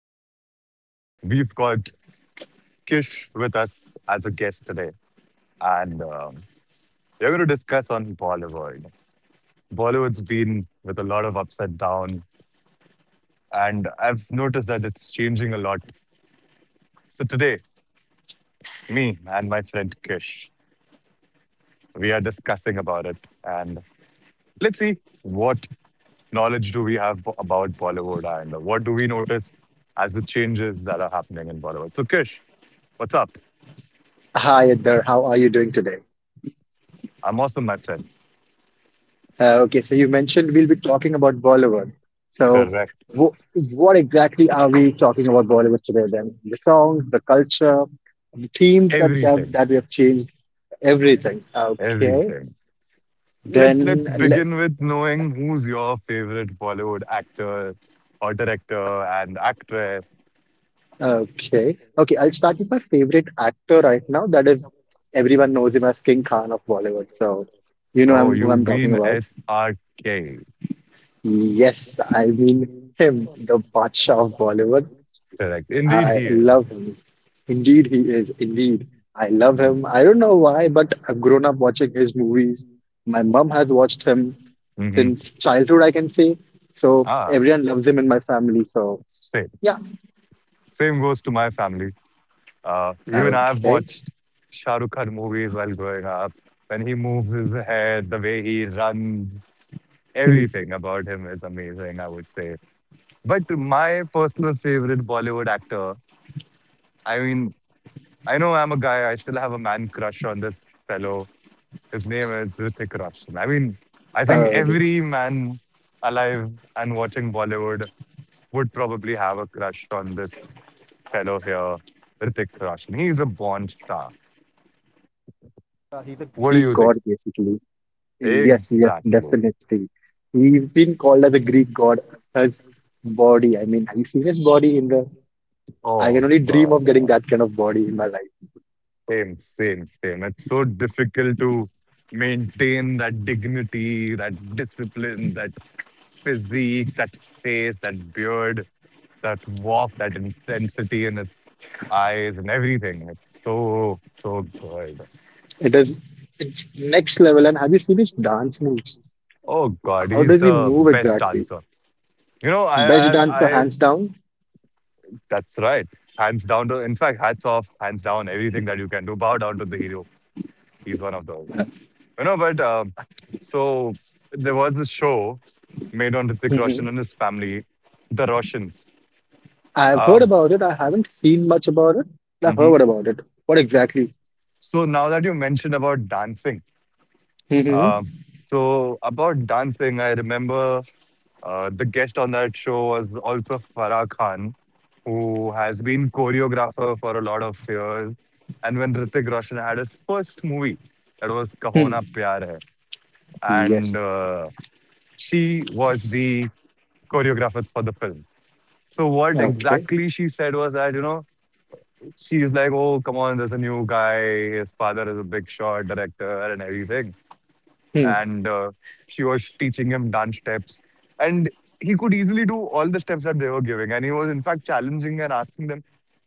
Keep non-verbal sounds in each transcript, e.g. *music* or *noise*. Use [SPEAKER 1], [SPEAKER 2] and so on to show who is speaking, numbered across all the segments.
[SPEAKER 1] gentlemen. We've got Kish with us as a guest today, and we're going to discuss on Bollywood. Bollywood's been with a lot of upside down, and I've noticed that it's changing a lot. So today, me and my friend Kish, we are discussing about it, and let's see what knowledge do we have about Bollywood, and what do we notice as the changes that are happening in Bollywood. So Kish, what's up?
[SPEAKER 2] Hi, Edgar. How are you doing today?
[SPEAKER 1] I'm awesome, my friend.
[SPEAKER 2] Okay, so you mentioned we'll be talking about Bollywood. So,
[SPEAKER 1] Correct.
[SPEAKER 2] wh what exactly are we talking about Bollywood today then? The songs, the culture, the themes that that,
[SPEAKER 1] Everything.
[SPEAKER 2] that we have changed, everything. Okay,
[SPEAKER 1] Everything. Let's
[SPEAKER 2] then
[SPEAKER 1] let's
[SPEAKER 2] let.
[SPEAKER 1] begin with knowing who's your favorite Bollywood actor or director and actress.
[SPEAKER 2] Okay, okay. I'll start with my favorite actor right now. That is, everyone knows him as King Khan of Bollywood. So,
[SPEAKER 1] Oh,
[SPEAKER 2] I'm, who
[SPEAKER 1] you
[SPEAKER 2] I'm talking
[SPEAKER 1] mean
[SPEAKER 2] about.
[SPEAKER 1] SRK,
[SPEAKER 2] Yes, I mean him, the Badshah of Bollywood.
[SPEAKER 1] correct? Indeed,
[SPEAKER 2] I
[SPEAKER 1] he is.
[SPEAKER 2] love him. Indeed, he is. Indeed. I love
[SPEAKER 1] Mhm.
[SPEAKER 2] him. I don't know why, but I've grown up watching his movies. My mom has watched him
[SPEAKER 1] Mhm.
[SPEAKER 2] since childhood, I can say. So
[SPEAKER 1] Ah,
[SPEAKER 2] everyone loves him in my family. So
[SPEAKER 1] same.
[SPEAKER 2] yeah.
[SPEAKER 1] Same goes to my family. Even I've
[SPEAKER 2] Okay.
[SPEAKER 1] watched Shah Rukh Khan movies while growing up. When he moves his head, the way he runs,
[SPEAKER 2] Hmm.
[SPEAKER 1] everything about him is amazing, I would say. But my personal favorite Bollywood actor, I mean, I know I'm a guy. I still have a man crush on this fellow. His name is Hrithik Roshan. I mean, I think
[SPEAKER 2] Uh,
[SPEAKER 1] every man alive and watching Bollywood would probably have a crush on this fellow here, Hrithik Roshan. He's a born star. What do you
[SPEAKER 2] Greek
[SPEAKER 1] think?
[SPEAKER 2] god, basically. Yes, yes,
[SPEAKER 1] Exactly.
[SPEAKER 2] definitely. He's been called as a Greek god. His body. I mean, have you seen his body in the? I can
[SPEAKER 1] Oh
[SPEAKER 2] only dream
[SPEAKER 1] God,
[SPEAKER 2] of getting
[SPEAKER 1] yeah.
[SPEAKER 2] that kind of body in my life.
[SPEAKER 1] Same, same, same. It's so difficult to maintain that dignity, that discipline, that physique, that face, that beard, that walk, that intensity in his eyes and everything. It's so so good.
[SPEAKER 2] It is it's next level. And have you seen his dance moves?
[SPEAKER 1] Oh God,
[SPEAKER 2] How
[SPEAKER 1] he's
[SPEAKER 2] does he
[SPEAKER 1] the
[SPEAKER 2] move
[SPEAKER 1] best
[SPEAKER 2] exactly?
[SPEAKER 1] dancer. You know,
[SPEAKER 2] Best dancer,
[SPEAKER 1] I
[SPEAKER 2] hands down.
[SPEAKER 1] that's right. Hands down to, in fact, hats off, hands down, everything that you can do. Bow down to the hero. He's one of those. You know, but so there was a show made on Hrithik Roshan and
[SPEAKER 2] hmm
[SPEAKER 1] his family, the Roshans.
[SPEAKER 2] I've heard
[SPEAKER 1] Um,
[SPEAKER 2] about it. I haven't seen much about it. I've
[SPEAKER 1] mhm.
[SPEAKER 2] heard about it. What exactly?
[SPEAKER 1] So now that you mentioned about dancing,
[SPEAKER 2] hmm
[SPEAKER 1] Um, so about dancing, I remember the guest on that show was also Farah Khan, who has been choreographer for a lot of years. And when Ritik Roshan had his first movie, that was
[SPEAKER 2] Hmm.
[SPEAKER 1] Kahona Pyar Hai,
[SPEAKER 2] Yes.
[SPEAKER 1] and she was the choreographer for the film. So what
[SPEAKER 2] Okay.
[SPEAKER 1] exactly she said was that, she's like, oh come on, there's a new guy. His father is a big shot director and everything.
[SPEAKER 2] Hmm.
[SPEAKER 1] And she was teaching him dance steps and he could easily do all the steps that they were giving, and he was in fact challenging and asking them,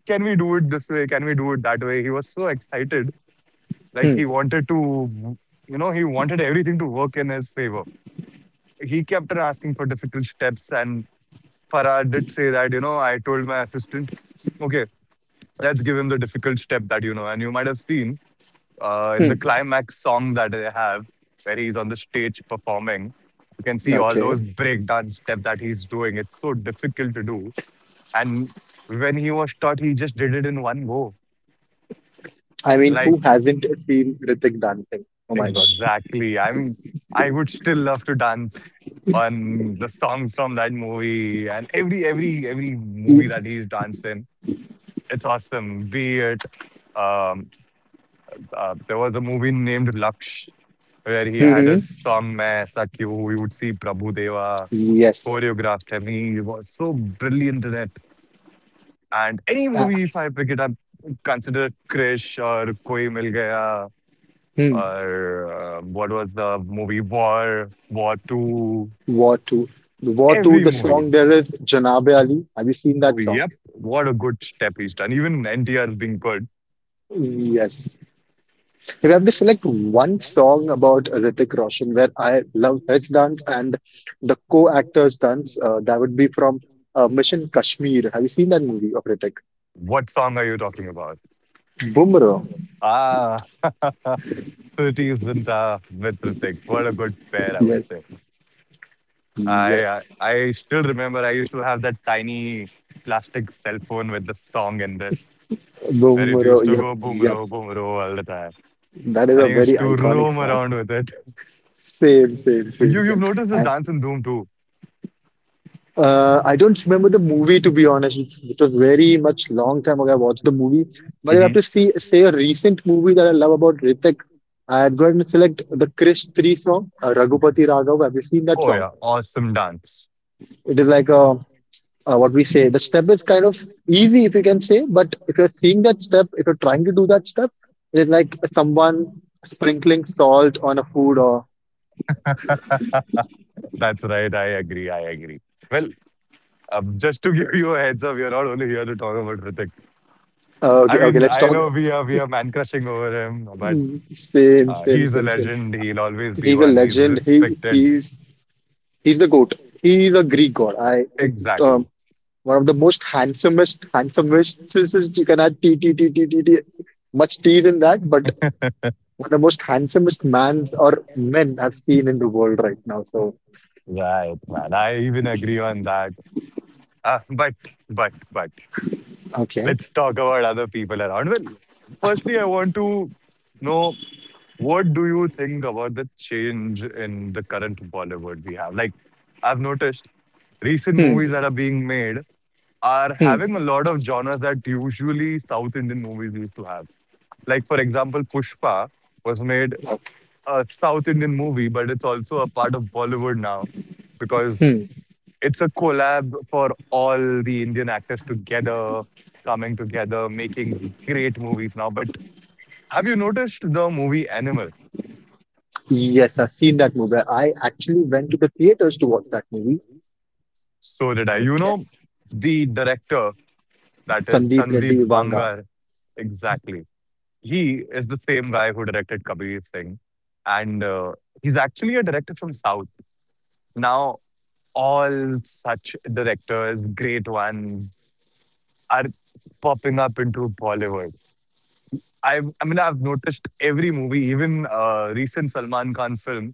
[SPEAKER 1] can we do it this way, can we do it that way? He was so excited. Like,
[SPEAKER 2] Hmm.
[SPEAKER 1] he wanted to, he wanted everything to work in his favor. He kept on asking for difficult steps, and Farah did say that, I told my assistant, okay, let's give him the difficult step that, and you might have seen in
[SPEAKER 2] Hmm.
[SPEAKER 1] the climax song that they have, where he's on the stage performing, you can see all
[SPEAKER 2] Okay.
[SPEAKER 1] those breakdance step that he's doing. It's so difficult to do. And when he was taught, he just did it in one go.
[SPEAKER 2] I mean,
[SPEAKER 1] Like,
[SPEAKER 2] who hasn't seen Ritik dancing? Oh my God.
[SPEAKER 1] exactly. I mean, I would still love to dance on the songs from that movie and every movie
[SPEAKER 2] He-
[SPEAKER 1] that he's danced in. It's awesome. Be it, um, there was a movie named Laksh where he had a
[SPEAKER 2] Mhm.
[SPEAKER 1] song "Main Aisa Kyun," we would see Prabhu Deva
[SPEAKER 2] Yes.
[SPEAKER 1] choreographed him. He was so brilliant in it. And any
[SPEAKER 2] Uh,
[SPEAKER 1] movie, if I pick it up, consider Krish or Koi Mil Gaya
[SPEAKER 2] Hmm.
[SPEAKER 1] or what was the movie, War, War 2,
[SPEAKER 2] War 2. War 2,
[SPEAKER 1] every
[SPEAKER 2] the
[SPEAKER 1] movie.
[SPEAKER 2] song there is Janabe Ali. Have you seen
[SPEAKER 1] Oh,
[SPEAKER 2] that song?
[SPEAKER 1] yep, what a good step he's done. Even NTR is being good.
[SPEAKER 2] Yes. If I have to select one song about Hrithik Roshan where I love his dance and the co-actors' dance, that would be from Mission Kashmir. Have you seen that movie of Hrithik?
[SPEAKER 1] What song are you talking about?
[SPEAKER 2] Bumro.
[SPEAKER 1] Ah, *laughs* Pretty Zinta with Ritik. What a good pair, I would
[SPEAKER 2] Yes.
[SPEAKER 1] say. I
[SPEAKER 2] Yes.
[SPEAKER 1] uh, I still remember I used to have that tiny plastic cell phone with the song in this, where it
[SPEAKER 2] Bumro.
[SPEAKER 1] used to
[SPEAKER 2] Yep.
[SPEAKER 1] go
[SPEAKER 2] Yep.
[SPEAKER 1] boom ro all the time,
[SPEAKER 2] That is
[SPEAKER 1] and
[SPEAKER 2] a
[SPEAKER 1] I
[SPEAKER 2] very
[SPEAKER 1] used to
[SPEAKER 2] iconic
[SPEAKER 1] roam
[SPEAKER 2] song.
[SPEAKER 1] around with it.
[SPEAKER 2] Same, same, same,
[SPEAKER 1] You you've
[SPEAKER 2] same.
[SPEAKER 1] noticed the
[SPEAKER 2] And
[SPEAKER 1] dance in Doom too.
[SPEAKER 2] I don't remember the movie to be honest. It was very much long time ago I watched the movie. But I have
[SPEAKER 1] Hmm.
[SPEAKER 2] to see say a recent movie that I love about Ritik. I'd go ahead and select the Krish 3 song, Raghupati Raghav. Have you seen that
[SPEAKER 1] Oh
[SPEAKER 2] song?
[SPEAKER 1] yeah, awesome dance.
[SPEAKER 2] It is like a what we say the step is kind of easy if you can say but if you're seeing that step if you're trying to do that step, it is like someone sprinkling salt on a food or
[SPEAKER 1] *laughs* That's right. I agree. I agree. Well, just to give you a heads up, we are not only here to talk about Hrithik. I
[SPEAKER 2] okay okay
[SPEAKER 1] mean,
[SPEAKER 2] let's
[SPEAKER 1] I
[SPEAKER 2] talk.
[SPEAKER 1] know we are man crushing over him, but
[SPEAKER 2] Mm, same same
[SPEAKER 1] he's a
[SPEAKER 2] same same
[SPEAKER 1] legend. He'll always be
[SPEAKER 2] he's a
[SPEAKER 1] one. He's
[SPEAKER 2] legend he
[SPEAKER 1] respected.
[SPEAKER 2] he's He's the goat. He is a Greek god. Um,
[SPEAKER 1] Exactly.
[SPEAKER 2] One of the most handsomest, handsomest. This is you can add t t t t t t much teeth in that, but
[SPEAKER 1] *laughs*
[SPEAKER 2] one of the most handsomest man or men I've seen in the world right now. So
[SPEAKER 1] Right, man. I even agree on that. Uh, but, but
[SPEAKER 2] okay,
[SPEAKER 1] let's talk about other people around. Well, firstly, I want to know, what do you think about the change in the current Bollywood we have? Like, I've noticed recent
[SPEAKER 2] hmm,
[SPEAKER 1] movies that are being made are
[SPEAKER 2] hmm,
[SPEAKER 1] having a lot of genres that usually South Indian movies used to have. Like, for example, Pushpa was made
[SPEAKER 2] okay.
[SPEAKER 1] a South Indian movie, but it's also a part of Bollywood now because
[SPEAKER 2] hmm.
[SPEAKER 1] it's a collab for all the Indian actors together, coming together, making great movies now. But have you noticed the movie Animal?
[SPEAKER 2] Yes, I've seen that movie. I actually went to the theaters to watch that movie.
[SPEAKER 1] So did I. You
[SPEAKER 2] Okay,
[SPEAKER 1] know, the director, that is
[SPEAKER 2] Sandeep Reddy
[SPEAKER 1] Sandeep
[SPEAKER 2] Vanga.
[SPEAKER 1] Bangar, exactly. He is the same guy who directed Kabir Singh. And he's actually a director from South. Now, all such directors, great ones, are popping up into Bollywood. I mean, I've noticed every movie, even recent Salman Khan film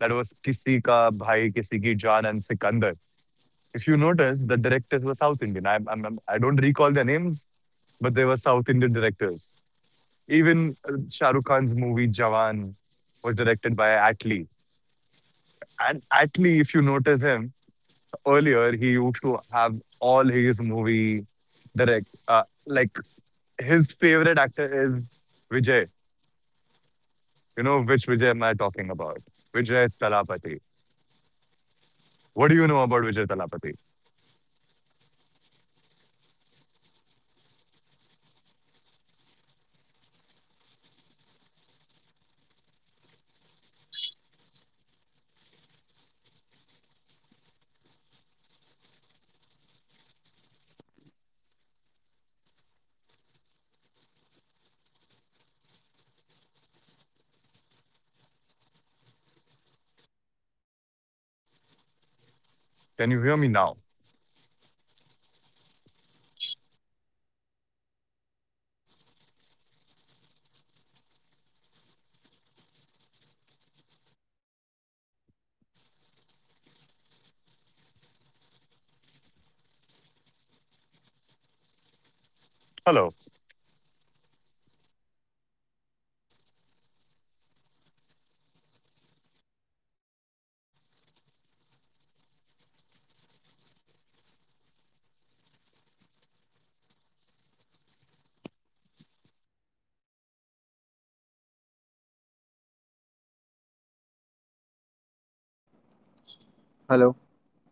[SPEAKER 1] that was Kisi Ka Bhai, Kisi Ki Jaan, and Sikandar. If you notice, the directors were South Indian. I don't recall their names, but they were South Indian directors. Even Shah Rukh Khan's movie Jawan was directed by Atlee. And Atlee, if you notice him earlier, he used to have all his movie direct. Like, his favorite actor is Vijay. You know which Vijay am I talking about? Vijay Talapati. What do you know about Vijay Talapati? Can you hear me now? Hello.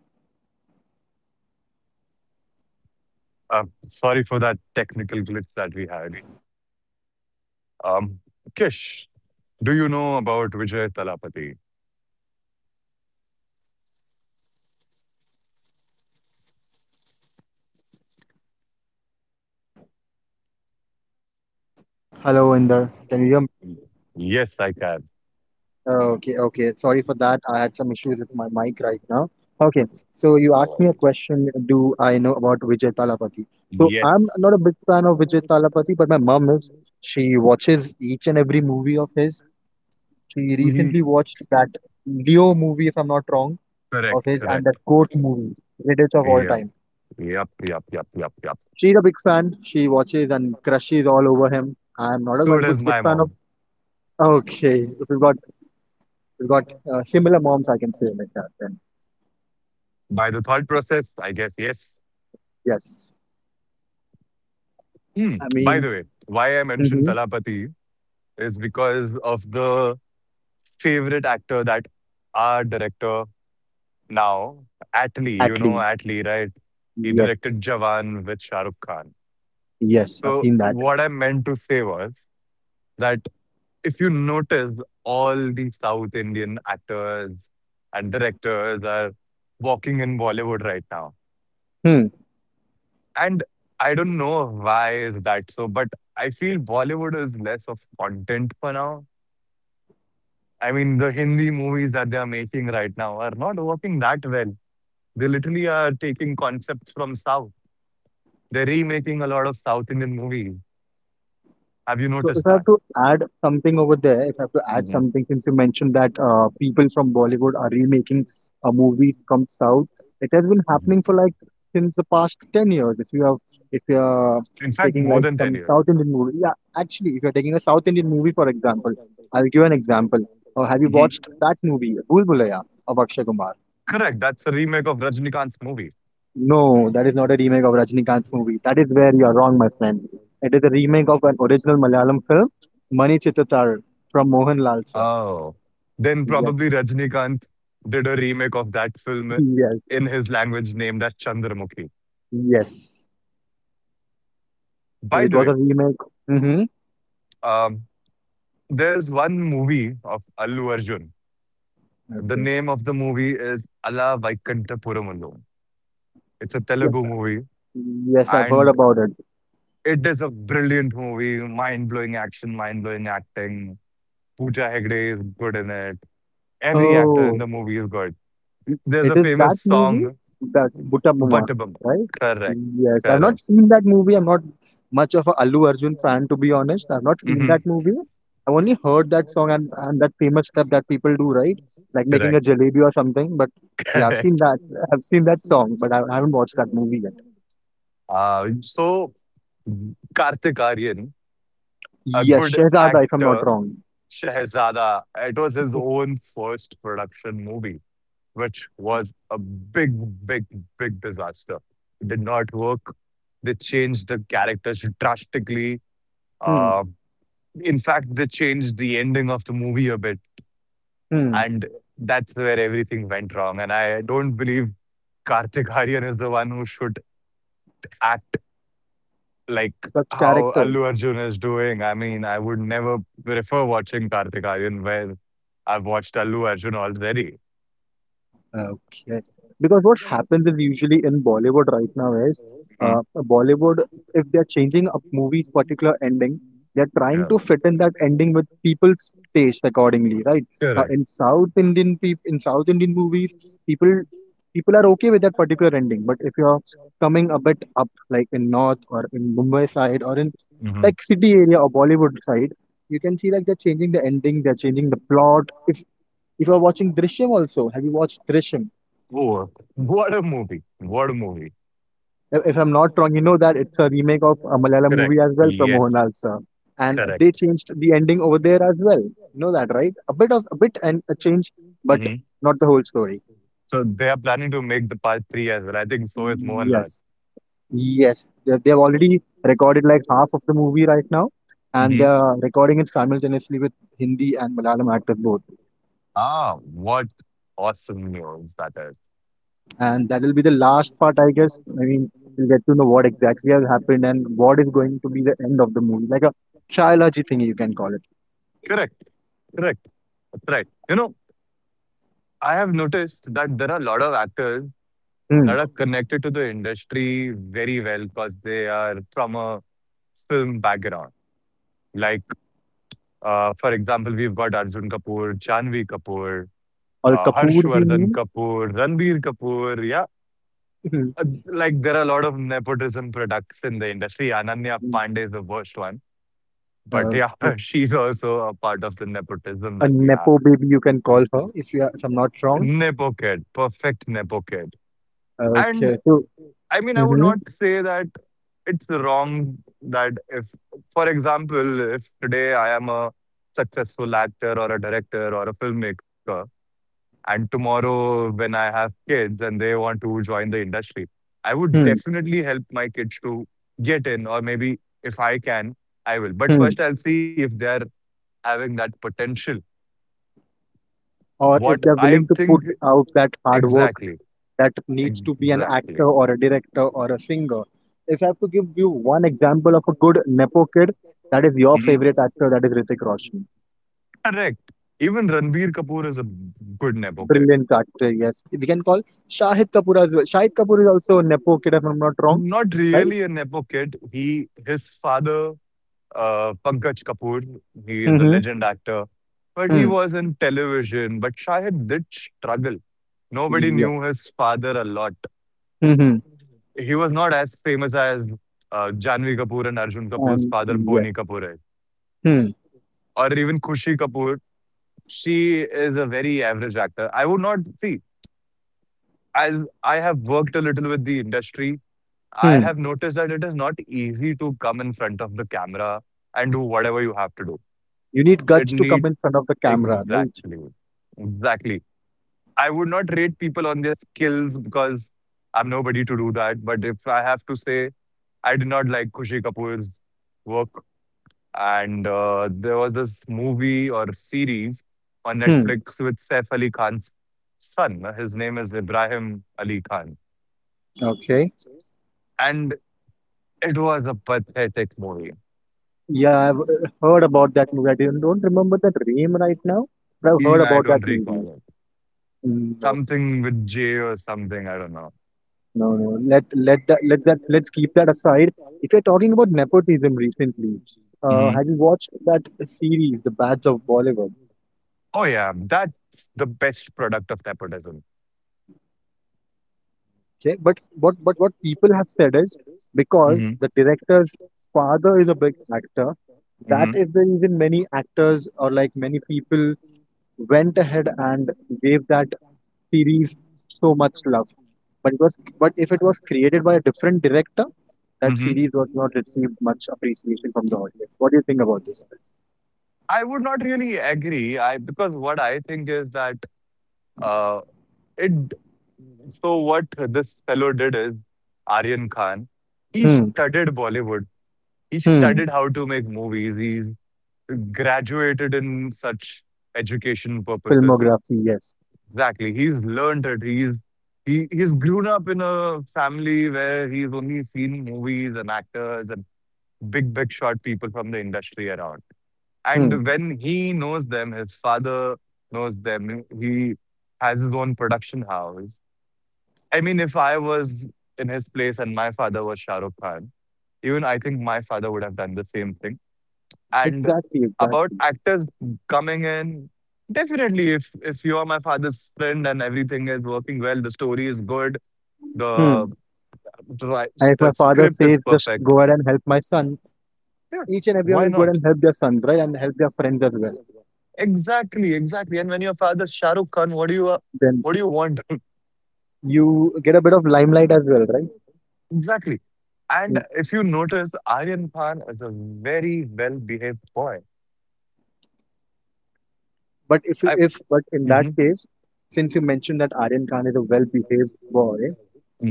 [SPEAKER 2] Hello,
[SPEAKER 1] Sorry for that technical glitch that we had. Um, Kish, do you know about Vijay Talapati?
[SPEAKER 2] hello, Inder. Can you hear me?
[SPEAKER 1] Yes, I can.
[SPEAKER 2] Okay, okay. Sorry for that. I had some issues with my mic right now. Okay, so you
[SPEAKER 1] No
[SPEAKER 2] asked me a
[SPEAKER 1] worries.
[SPEAKER 2] question, do I know about Vijay Talapathy? So I'm
[SPEAKER 1] Yes.
[SPEAKER 2] not a big fan of Vijay Talapathy, but my mom is. She watches each and every movie of his. She recently
[SPEAKER 1] Mhm.
[SPEAKER 2] watched that Leo movie, if I'm not wrong, of
[SPEAKER 1] Correct,
[SPEAKER 2] his, and that
[SPEAKER 1] correct.
[SPEAKER 2] Goat movie, greatest of all
[SPEAKER 1] Yep,
[SPEAKER 2] time.
[SPEAKER 1] yep, yep, yep, yep, yep.
[SPEAKER 2] She's a big fan. She watches and crushes all over him. I'm not a
[SPEAKER 1] So does
[SPEAKER 2] good
[SPEAKER 1] my
[SPEAKER 2] fan of.
[SPEAKER 1] mom.
[SPEAKER 2] Okay, we've got similar moms, I can say like that. Then
[SPEAKER 1] By the thought process, I guess yes.
[SPEAKER 2] yes.
[SPEAKER 1] Hmm.
[SPEAKER 2] I
[SPEAKER 1] By the
[SPEAKER 2] mean,
[SPEAKER 1] way, why I mentioned
[SPEAKER 2] mm-hmm.
[SPEAKER 1] Talapati is because of the favorite actor that our director now, Atlee, you know
[SPEAKER 2] Atlee.
[SPEAKER 1] Atlee, right? He
[SPEAKER 2] Yes,
[SPEAKER 1] directed Jawan with Shah Rukh Khan.
[SPEAKER 2] yes, I've
[SPEAKER 1] So
[SPEAKER 2] seen that.
[SPEAKER 1] what I meant to say was that, if you notice, all the South Indian actors and directors are walking in Bollywood right now.
[SPEAKER 2] Hmm.
[SPEAKER 1] And I don't know why is that so, but I feel Bollywood is less of content for now. I mean, the Hindi movies that they are making right now are not working that well. They literally are taking concepts from South. They're remaking a lot of South Indian movies. Have you
[SPEAKER 2] So
[SPEAKER 1] noticed
[SPEAKER 2] if I
[SPEAKER 1] that?
[SPEAKER 2] have to add something over there, if I have to add something, since you mentioned that people from Bollywood are remaking movies from South, it has been
[SPEAKER 1] Mhm.
[SPEAKER 2] happening for like since the past 10 years. If you have, if you are
[SPEAKER 1] In fact,
[SPEAKER 2] taking
[SPEAKER 1] more
[SPEAKER 2] like
[SPEAKER 1] than 10
[SPEAKER 2] some
[SPEAKER 1] years.
[SPEAKER 2] South Indian movie, yeah, actually, if you're taking a South Indian movie, for example, I'll give an example. Have you
[SPEAKER 1] Mhm.
[SPEAKER 2] watched that movie, Bhul Bhulaiyaa, of Akshay Kumar?
[SPEAKER 1] Correct. That's a remake of Rajnikant's movie.
[SPEAKER 2] No, that is not a remake of Rajnikant's movie. That is where you are wrong, my friend. It is a remake of an original Malayalam film, Mani Chittatar, from Mohanlal sir.
[SPEAKER 1] Oh, then probably
[SPEAKER 2] Yes,
[SPEAKER 1] Rajnikant did a remake of that film
[SPEAKER 2] yes,
[SPEAKER 1] in his language named as Chandramukhi.
[SPEAKER 2] yes. So
[SPEAKER 1] By
[SPEAKER 2] it
[SPEAKER 1] the
[SPEAKER 2] was
[SPEAKER 1] way,
[SPEAKER 2] a remake. Mm-hmm.
[SPEAKER 1] um, there's one movie of Allu Arjun. The
[SPEAKER 2] Okay.
[SPEAKER 1] name of the movie is Ala Vaikanta Puramullu. It's a Telugu movie.
[SPEAKER 2] Yes, I've heard
[SPEAKER 1] And
[SPEAKER 2] about it.
[SPEAKER 1] it is a brilliant movie, mind-blowing action, mind-blowing acting. Pooja Hegde is good in it. Every actor in
[SPEAKER 2] Oh.
[SPEAKER 1] the movie is good. There's
[SPEAKER 2] It
[SPEAKER 1] a
[SPEAKER 2] is that
[SPEAKER 1] famous
[SPEAKER 2] movie,
[SPEAKER 1] song,
[SPEAKER 2] that Buttamuma,
[SPEAKER 1] Buttabum.
[SPEAKER 2] right?
[SPEAKER 1] Correct,
[SPEAKER 2] Yes, I've not
[SPEAKER 1] correct.
[SPEAKER 2] seen that movie. I'm not much of a Allu Arjun fan, to be honest. I've not seen
[SPEAKER 1] Hmm.
[SPEAKER 2] that movie. I've only heard that song and that famous step that people do, right? Like making a
[SPEAKER 1] Correct,
[SPEAKER 2] jalebi or something. But
[SPEAKER 1] *laughs*
[SPEAKER 2] yeah, I've seen
[SPEAKER 1] correct.
[SPEAKER 2] that. I've seen that song, but I haven't watched that movie yet.
[SPEAKER 1] Uh, so, Kartik Aryan, a
[SPEAKER 2] Yes,
[SPEAKER 1] good
[SPEAKER 2] Shehzada, if I'm not
[SPEAKER 1] actor,
[SPEAKER 2] wrong.
[SPEAKER 1] Shehzada, it was his own first production movie, which was a big, big, big disaster. It did not work. They changed the characters drastically. Uh,
[SPEAKER 2] Hmm.
[SPEAKER 1] in fact, they changed the ending of the movie a bit,
[SPEAKER 2] Hmm.
[SPEAKER 1] and that's where everything went wrong. And I don't believe Karthik Aaryan is the one who should act like
[SPEAKER 2] Such
[SPEAKER 1] how Allu
[SPEAKER 2] characters.
[SPEAKER 1] Arjun is doing. I mean, I would never prefer watching Karthik Aaryan where I've watched Allu Arjun already.
[SPEAKER 2] Okay. Because what happens is usually in Bollywood right now is
[SPEAKER 1] Mhm.
[SPEAKER 2] Bollywood, if they're changing a movie's particular ending, they're trying
[SPEAKER 1] Yeah,
[SPEAKER 2] to fit in that ending with people's taste accordingly, right? Now
[SPEAKER 1] correct.
[SPEAKER 2] in South Indian movies, people are okay with that particular ending. But if you're coming a bit up, like in North or in Mumbai side or in
[SPEAKER 1] Mhm.
[SPEAKER 2] like city area or Bollywood side, you can see like they're changing the ending, they're changing the plot. If you're watching Drishyam also, have you watched Drishyam?
[SPEAKER 1] Oh, what a movie. What a movie.
[SPEAKER 2] If I'm not wrong, you know that it's a remake of a Malayalam
[SPEAKER 1] Correct.
[SPEAKER 2] movie as well from
[SPEAKER 1] Yes,
[SPEAKER 2] Mohanlal sir, and they
[SPEAKER 1] correct.
[SPEAKER 2] changed the ending over there as well. You know that, right? A bit of a bit and a change, but
[SPEAKER 1] Hmm.
[SPEAKER 2] not the whole story.
[SPEAKER 1] So they are planning to make the part three as well. I think so is Mohanlal.
[SPEAKER 2] Yes, yes. They have already recorded like half of the movie right now, and they
[SPEAKER 1] Hmm.
[SPEAKER 2] are recording it simultaneously with Hindi and Malayalam actors both.
[SPEAKER 1] Ah, what awesome news that is.
[SPEAKER 2] And that will be the last part, I guess. I mean, we'll get to know what exactly has happened and what is going to be the end of the movie, like a trilogy thing you can call it.
[SPEAKER 1] Correct. Correct. That's right. You know, I have noticed that there are a lot of actors
[SPEAKER 2] Hmm.
[SPEAKER 1] that are connected to the industry very well because they are from a film background. Like, for example, we've got Arjun Kapoor, Janvi Kapoor,
[SPEAKER 2] Or Kapoor, we
[SPEAKER 1] Harshvardhan
[SPEAKER 2] mean.
[SPEAKER 1] Kapoor, Ranbir Kapoor. Yeah,
[SPEAKER 2] Mhm.
[SPEAKER 1] like there are a lot of nepotism products in the industry. Ananya Pandey is the worst one, but
[SPEAKER 2] Uh,
[SPEAKER 1] yeah, *laughs* she's also a part of the nepotism
[SPEAKER 2] a
[SPEAKER 1] that we have.
[SPEAKER 2] nepo baby, you can call her if you are, if I'm not wrong.
[SPEAKER 1] Nepo kid, perfect nepo kid. And
[SPEAKER 2] Okay. So,
[SPEAKER 1] I mean, I would
[SPEAKER 2] hmm
[SPEAKER 1] not say that it's wrong that if, for example, if today I am a successful actor or a director or a filmmaker, and tomorrow, when I have kids and they want to join the industry, I would
[SPEAKER 2] hmm
[SPEAKER 1] definitely help my kids to get in, or maybe if I can, I will. But
[SPEAKER 2] hmm.
[SPEAKER 1] first, I'll see if they're having that potential.
[SPEAKER 2] Or
[SPEAKER 1] What
[SPEAKER 2] if they're
[SPEAKER 1] I
[SPEAKER 2] willing to
[SPEAKER 1] think,
[SPEAKER 2] put out that hard work
[SPEAKER 1] exactly,
[SPEAKER 2] that needs to be an
[SPEAKER 1] exactly.
[SPEAKER 2] actor or a director or a singer. If I have to give you one example of a good nepo kid, that is your
[SPEAKER 1] Mhm.
[SPEAKER 2] favorite actor. That is Hrithik Roshan.
[SPEAKER 1] Correct. Even Ranbir Kapoor is a good Nepo kid.
[SPEAKER 2] Brilliant actor. Yes, we can call Shahid Kapoor as well. Shahid Kapoor is also a nepo kid, if I'm not wrong,
[SPEAKER 1] Not
[SPEAKER 2] right?
[SPEAKER 1] really a Nepo kid. He, his father, Pankaj Kapoor. He is a
[SPEAKER 2] Mm-hmm.
[SPEAKER 1] legend actor, but he
[SPEAKER 2] Hmm.
[SPEAKER 1] was in television. But Shahid did struggle. Nobody
[SPEAKER 2] Yeah.
[SPEAKER 1] knew his father a lot.
[SPEAKER 2] Mm-hmm.
[SPEAKER 1] He was not as famous as Janvi Kapoor and Arjun Kapoor's
[SPEAKER 2] And
[SPEAKER 1] father,
[SPEAKER 2] yeah.
[SPEAKER 1] Boni Kapoor, is,
[SPEAKER 2] Hmm.
[SPEAKER 1] or even Kushi Kapoor. She is a very average actor. I would not see, as I have worked a little with the industry, I
[SPEAKER 2] Hmm.
[SPEAKER 1] have noticed that it is not easy to come in front of the camera and do whatever you have to do.
[SPEAKER 2] You need
[SPEAKER 1] It
[SPEAKER 2] guts to come
[SPEAKER 1] needs
[SPEAKER 2] in front of the camera, right?
[SPEAKER 1] exactly. Exactly. I would not rate people on their skills because I'm nobody to do that. But if I have to say, I did not like Kushi Kapoor's work. And there was this movie or series on
[SPEAKER 2] Hmm.
[SPEAKER 1] Netflix with Saif Ali Khan's son. His name is Ibrahim Ali Khan.
[SPEAKER 2] Okay.
[SPEAKER 1] And it was a pathetic movie.
[SPEAKER 2] Yeah, I've heard about that movie. I didn't, don't remember the name right now, but I've heard
[SPEAKER 1] Even I
[SPEAKER 2] about that
[SPEAKER 1] don't
[SPEAKER 2] movie.
[SPEAKER 1] recall it.
[SPEAKER 2] Mm, No,
[SPEAKER 1] Something with J or something. I don't know.
[SPEAKER 2] no, no. Let that let's keep that aside. If you're talking about nepotism recently,
[SPEAKER 1] Mhm.
[SPEAKER 2] have you watched that series, The Bads of Bollywood?
[SPEAKER 1] Oh, yeah. That's the best product of nepotism.
[SPEAKER 2] Okay, but what people have said is because
[SPEAKER 1] Mhm,
[SPEAKER 2] the director's father is a big actor, that
[SPEAKER 1] mhm,
[SPEAKER 2] is the reason many actors or like many people went ahead and gave that series so much love. But it was but if it was created by a different director, that
[SPEAKER 1] mhm.
[SPEAKER 2] series was not received much appreciation from the audience. What do you think about this?
[SPEAKER 1] I would not really agree. I Because what I think is that uh, it. So what this fellow did is Aryan Khan. He
[SPEAKER 2] Hmm.
[SPEAKER 1] studied Bollywood. He
[SPEAKER 2] Hmm.
[SPEAKER 1] studied how to make movies. He's graduated in such education purposes.
[SPEAKER 2] Filmography, yes.
[SPEAKER 1] Exactly. He's learned it. He's grown up in a family where he's only seen movies and actors and big big shot people from the industry around.
[SPEAKER 2] Hmm.
[SPEAKER 1] And when he knows them, his father knows them. He has his own production house. I mean, if I was in his place and my father was Shah Rukh Khan, even I think my father would have done the same thing. And
[SPEAKER 2] Exactly,
[SPEAKER 1] about
[SPEAKER 2] exactly.
[SPEAKER 1] actors coming in, definitely, if you are my father's friend and everything is working well, the story is good,
[SPEAKER 2] Hmm.
[SPEAKER 1] the right,
[SPEAKER 2] And if
[SPEAKER 1] the
[SPEAKER 2] my father
[SPEAKER 1] script is
[SPEAKER 2] says just
[SPEAKER 1] perfect.
[SPEAKER 2] go ahead and help my son,
[SPEAKER 1] Yeah,
[SPEAKER 2] each and everyone
[SPEAKER 1] why
[SPEAKER 2] will go
[SPEAKER 1] not?
[SPEAKER 2] and help their sons, right, and help their friends as well.
[SPEAKER 1] Exactly, exactly. And when your father's Shah Rukh Khan,
[SPEAKER 2] Then
[SPEAKER 1] what do you want?
[SPEAKER 2] you get a bit of limelight as well, right?
[SPEAKER 1] Exactly. And
[SPEAKER 2] Mm.
[SPEAKER 1] if you notice, Aryan Khan is a very well behaved boy.
[SPEAKER 2] But
[SPEAKER 1] I,
[SPEAKER 2] if but in that
[SPEAKER 1] Mhm,
[SPEAKER 2] case, since you mentioned that Aryan Khan is a well-behaved boy,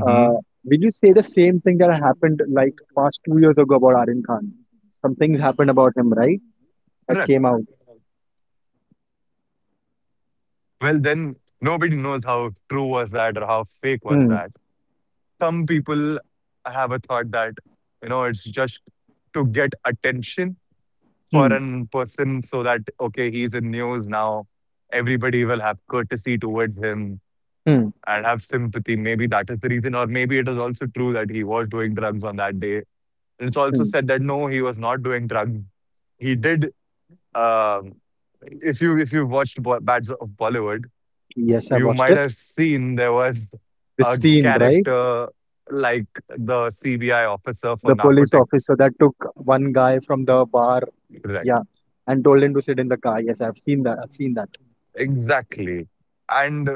[SPEAKER 2] uh, will you say the same thing that happened like past 2 years ago about Aryan Khan? Some things happened about him, right? That
[SPEAKER 1] Correct.
[SPEAKER 2] came out.
[SPEAKER 1] Well, then nobody knows how true was that or how fake was that.
[SPEAKER 2] Hmm.
[SPEAKER 1] Some people have a thought that, it's just to get attention for an
[SPEAKER 2] Hmm.
[SPEAKER 1] person so that, okay, he's in news now. Everybody will have courtesy towards him
[SPEAKER 2] Hmm.
[SPEAKER 1] and have sympathy. Maybe that is the reason. Or maybe it is also true that he was doing drugs on that day. And it's also
[SPEAKER 2] Hmm.
[SPEAKER 1] said that no, he was not doing drugs. He did. Um, if you watched Bats of Bollywood,
[SPEAKER 2] Yes, I
[SPEAKER 1] you
[SPEAKER 2] watched
[SPEAKER 1] might
[SPEAKER 2] it.
[SPEAKER 1] have seen there was
[SPEAKER 2] The
[SPEAKER 1] a
[SPEAKER 2] scene, right?
[SPEAKER 1] character like the CBI officer for
[SPEAKER 2] The police
[SPEAKER 1] narcotic,
[SPEAKER 2] officer that took one guy from the bar,
[SPEAKER 1] correct,
[SPEAKER 2] yeah, and told him to sit in the car. Yes, I've seen that. I've seen that.
[SPEAKER 1] exactly, and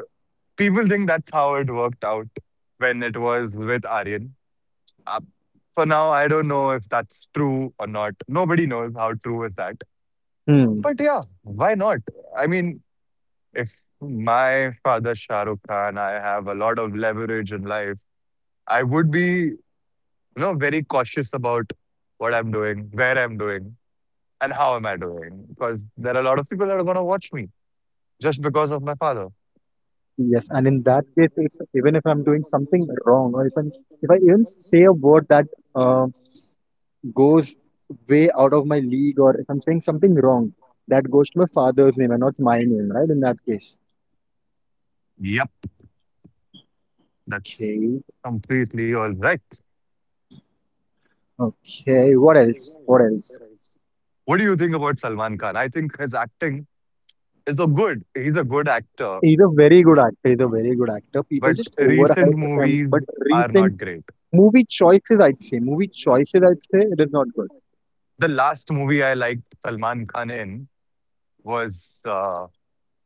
[SPEAKER 1] people think that's how it worked out when it was with Aryan. Uh, for now, I don't know if that's true or not. Nobody knows how true is that.
[SPEAKER 2] Hmm.
[SPEAKER 1] But yeah, why not? I mean, if my father Shah Rukh Khan, I have a lot of leverage in life. I would be, very cautious about what I'm doing, where I'm doing, and how am I doing, because there are a lot of people that are gonna watch me just because of my father.
[SPEAKER 2] Yes, and in that case, if, even if I'm doing something wrong, or if I'm, if I even say a word that uh, goes way out of my league, or if I'm saying something wrong, that goes to my father's name and not my name, right? In that case.
[SPEAKER 1] Yep, that's
[SPEAKER 2] Okay.
[SPEAKER 1] completely all right.
[SPEAKER 2] Okay. What else? What else?
[SPEAKER 1] What do you think about Salman Khan? I think his acting is a good. He's a good actor,
[SPEAKER 2] He's a very good actor. He's a very good actor. People
[SPEAKER 1] but
[SPEAKER 2] just
[SPEAKER 1] recent
[SPEAKER 2] overhype him.
[SPEAKER 1] movies
[SPEAKER 2] But
[SPEAKER 1] are
[SPEAKER 2] recent
[SPEAKER 1] not great.
[SPEAKER 2] movie choices, I'd say, movie choices, I'd say, it is not good.
[SPEAKER 1] The last movie I liked Salman Khan in was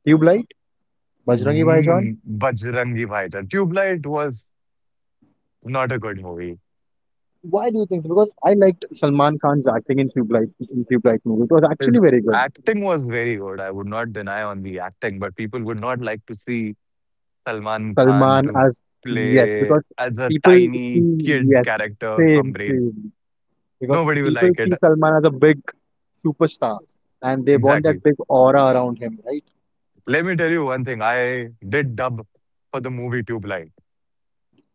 [SPEAKER 2] You like Bajrangi Bhaijaan?
[SPEAKER 1] mm, Bajrangi Bhaijaan. Tubelight was not a good movie.
[SPEAKER 2] Why do you think so? Because I liked Salman Khan's acting in Tube Light movie. It was
[SPEAKER 1] His
[SPEAKER 2] actually very good.
[SPEAKER 1] acting was very good. I would not deny on the acting, but people would not like to see Salman Khan
[SPEAKER 2] Salman
[SPEAKER 1] to
[SPEAKER 2] as yes,
[SPEAKER 1] play
[SPEAKER 2] because
[SPEAKER 1] as a
[SPEAKER 2] people
[SPEAKER 1] tiny
[SPEAKER 2] see
[SPEAKER 1] kid
[SPEAKER 2] yes,
[SPEAKER 1] character
[SPEAKER 2] same,
[SPEAKER 1] from Brain.
[SPEAKER 2] same. Because
[SPEAKER 1] Nobody will
[SPEAKER 2] people
[SPEAKER 1] like it.
[SPEAKER 2] see Salman as a big superstar and they want
[SPEAKER 1] Exactly.
[SPEAKER 2] that big aura around him, right?
[SPEAKER 1] Let me tell you one thing. I did dub for the movie Tubelight.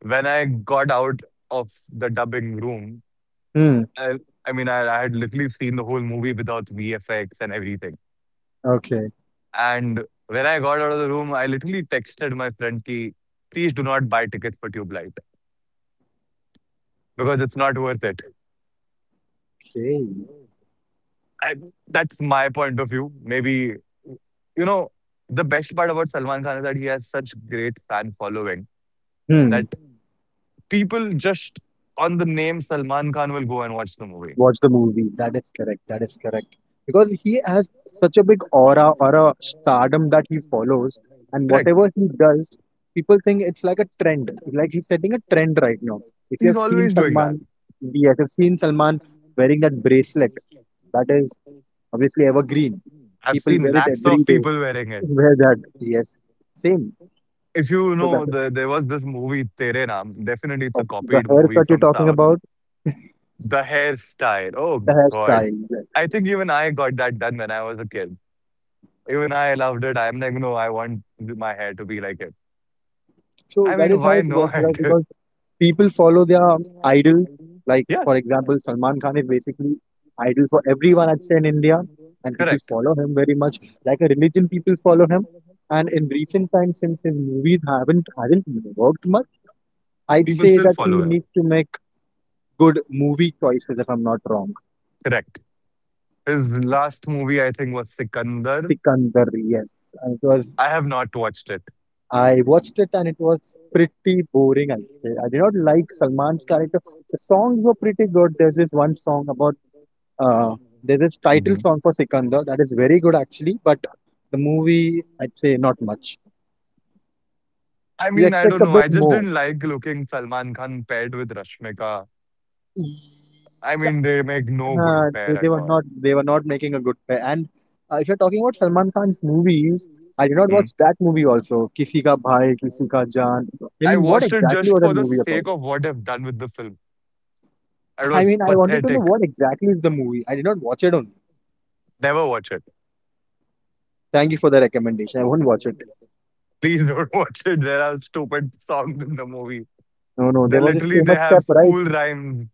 [SPEAKER 1] When I got out of the dubbing room,
[SPEAKER 2] Hmm.
[SPEAKER 1] I, I mean, I had literally seen the whole movie without VFX and everything.
[SPEAKER 2] Okay.
[SPEAKER 1] And when I got out of the room, I literally texted my friend "Ki please do not buy tickets for Tube Light because it's not worth it.
[SPEAKER 2] Okay.
[SPEAKER 1] I, that's my point of view. Maybe, you know, the best part about Salman Khan is that he has such great fan following that
[SPEAKER 2] Hmm.
[SPEAKER 1] people just on the name Salman Khan will go and watch the movie.
[SPEAKER 2] Watch the movie. That is correct. That is correct. Because he has such a big aura or a stardom that he follows, and
[SPEAKER 1] Correct.
[SPEAKER 2] whatever he does, people think it's like a trend. Like he's setting a trend right now. If you
[SPEAKER 1] He's
[SPEAKER 2] have seen
[SPEAKER 1] always doing that.
[SPEAKER 2] Salman, yes, I've seen Salman wearing that bracelet. That is obviously evergreen.
[SPEAKER 1] I've
[SPEAKER 2] People
[SPEAKER 1] seen
[SPEAKER 2] wear it
[SPEAKER 1] lakhs of
[SPEAKER 2] every day.
[SPEAKER 1] people wearing
[SPEAKER 2] *laughs*
[SPEAKER 1] it.
[SPEAKER 2] Wear that. Yes, same.
[SPEAKER 1] If you
[SPEAKER 2] So that
[SPEAKER 1] know, the, there was this movie, Tere Naam. Definitely, it's a
[SPEAKER 2] of the
[SPEAKER 1] copied
[SPEAKER 2] hair
[SPEAKER 1] movie
[SPEAKER 2] cut you're
[SPEAKER 1] from
[SPEAKER 2] talking
[SPEAKER 1] South.
[SPEAKER 2] about,
[SPEAKER 1] The hairstyle. Oh
[SPEAKER 2] the
[SPEAKER 1] God.
[SPEAKER 2] hairstyle.
[SPEAKER 1] I think even I got that done when I was a kid. Even I loved it. I'm like, no, I want my hair to be like it.
[SPEAKER 2] So
[SPEAKER 1] I
[SPEAKER 2] that
[SPEAKER 1] mean,
[SPEAKER 2] is how
[SPEAKER 1] why
[SPEAKER 2] it works, right?
[SPEAKER 1] not?
[SPEAKER 2] Because
[SPEAKER 1] *laughs*
[SPEAKER 2] people follow their idol. Like,
[SPEAKER 1] Yes,
[SPEAKER 2] for example, Salman Khan is basically idol for everyone, I'd say, in India. And people
[SPEAKER 1] correct.
[SPEAKER 2] follow him very much. Like a religion, people follow him. And in recent times, since his movies have not worked much, I'd
[SPEAKER 1] People
[SPEAKER 2] say
[SPEAKER 1] still
[SPEAKER 2] that he
[SPEAKER 1] follow him.
[SPEAKER 2] needs to make good movie choices, if I'm not wrong.
[SPEAKER 1] Correct. His last movie, I think, was Sikandar.
[SPEAKER 2] Sikandar, yes. And it was
[SPEAKER 1] I have not watched it.
[SPEAKER 2] I watched it and it was pretty boring. I would say. I did not like Salman's character. The songs were pretty good. There's this one song about. Uh, there is title
[SPEAKER 1] Mhm.
[SPEAKER 2] song for Sikandar that is very good actually, but the movie I'd say not much.
[SPEAKER 1] I
[SPEAKER 2] You
[SPEAKER 1] mean, I
[SPEAKER 2] expect
[SPEAKER 1] don't
[SPEAKER 2] a
[SPEAKER 1] know.
[SPEAKER 2] bit
[SPEAKER 1] I just
[SPEAKER 2] more.
[SPEAKER 1] didn't like looking Salman Khan paired with Rashmika.
[SPEAKER 2] Uh,
[SPEAKER 1] I mean, they make no good
[SPEAKER 2] they
[SPEAKER 1] pair
[SPEAKER 2] they
[SPEAKER 1] at
[SPEAKER 2] were
[SPEAKER 1] all.
[SPEAKER 2] not they were not making a good pair. And if you're talking about Salman Khan's movies, I did not watch
[SPEAKER 1] Mhm.
[SPEAKER 2] that movie also. Kisi Ka Bhai, Kisi Ka Jaan. I
[SPEAKER 1] I
[SPEAKER 2] mean, what
[SPEAKER 1] watched it
[SPEAKER 2] exactly
[SPEAKER 1] just
[SPEAKER 2] was
[SPEAKER 1] for
[SPEAKER 2] that
[SPEAKER 1] the
[SPEAKER 2] movie about?
[SPEAKER 1] sake of what I've done with the film. It
[SPEAKER 2] I
[SPEAKER 1] was
[SPEAKER 2] mean, I wanted to know
[SPEAKER 1] pathetic.
[SPEAKER 2] what exactly is the movie. I did not watch it only.
[SPEAKER 1] Never watch it.
[SPEAKER 2] Thank you for the recommendation. I won't watch it.
[SPEAKER 1] Please don't *laughs* watch it. There are stupid songs in the movie.
[SPEAKER 2] No, no,
[SPEAKER 1] They
[SPEAKER 2] there was this
[SPEAKER 1] literally they
[SPEAKER 2] famous
[SPEAKER 1] have
[SPEAKER 2] step, right?
[SPEAKER 1] school rhymes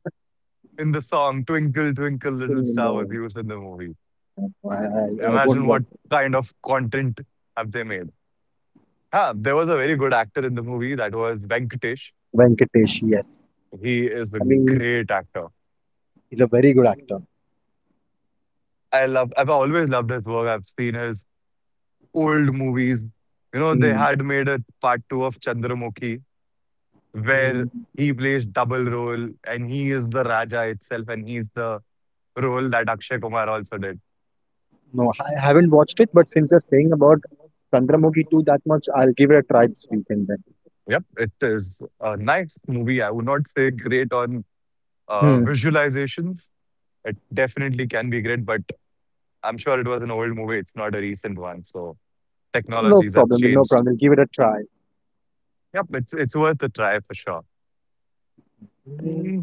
[SPEAKER 1] in the song "Twinkle Twinkle Little Star" was
[SPEAKER 2] No,
[SPEAKER 1] used in the movie.
[SPEAKER 2] I, I, I won't
[SPEAKER 1] Imagine what
[SPEAKER 2] watch.
[SPEAKER 1] kind of content have they made. Huh, there was a very good actor in the movie that was Venkatesh.
[SPEAKER 2] Venkatesh, yes.
[SPEAKER 1] He is a
[SPEAKER 2] I mean,
[SPEAKER 1] great actor.
[SPEAKER 2] he's a very good actor.
[SPEAKER 1] I love. I've always loved his work. I've seen his old movies. You know, they
[SPEAKER 2] mm,
[SPEAKER 1] had made a part two of Chandramukhi where
[SPEAKER 2] mm,
[SPEAKER 1] he plays double role and he is the Raja itself and he's the role that Akshay Kumar also did.
[SPEAKER 2] no, I haven't watched it, but since you're saying about Chandramukhi 2 that much, I'll give it a try this weekend then.
[SPEAKER 1] Yep, it is a nice movie. I would not say great on
[SPEAKER 2] Hmm.
[SPEAKER 1] visualizations. It definitely can be great, but I'm sure it was an old movie. It's not a recent one. So
[SPEAKER 2] No
[SPEAKER 1] technologies have
[SPEAKER 2] problem, no
[SPEAKER 1] changed.
[SPEAKER 2] problem. I'll give it a try.
[SPEAKER 1] Yep, it's worth a try for sure.
[SPEAKER 2] Mm.
[SPEAKER 1] Mm,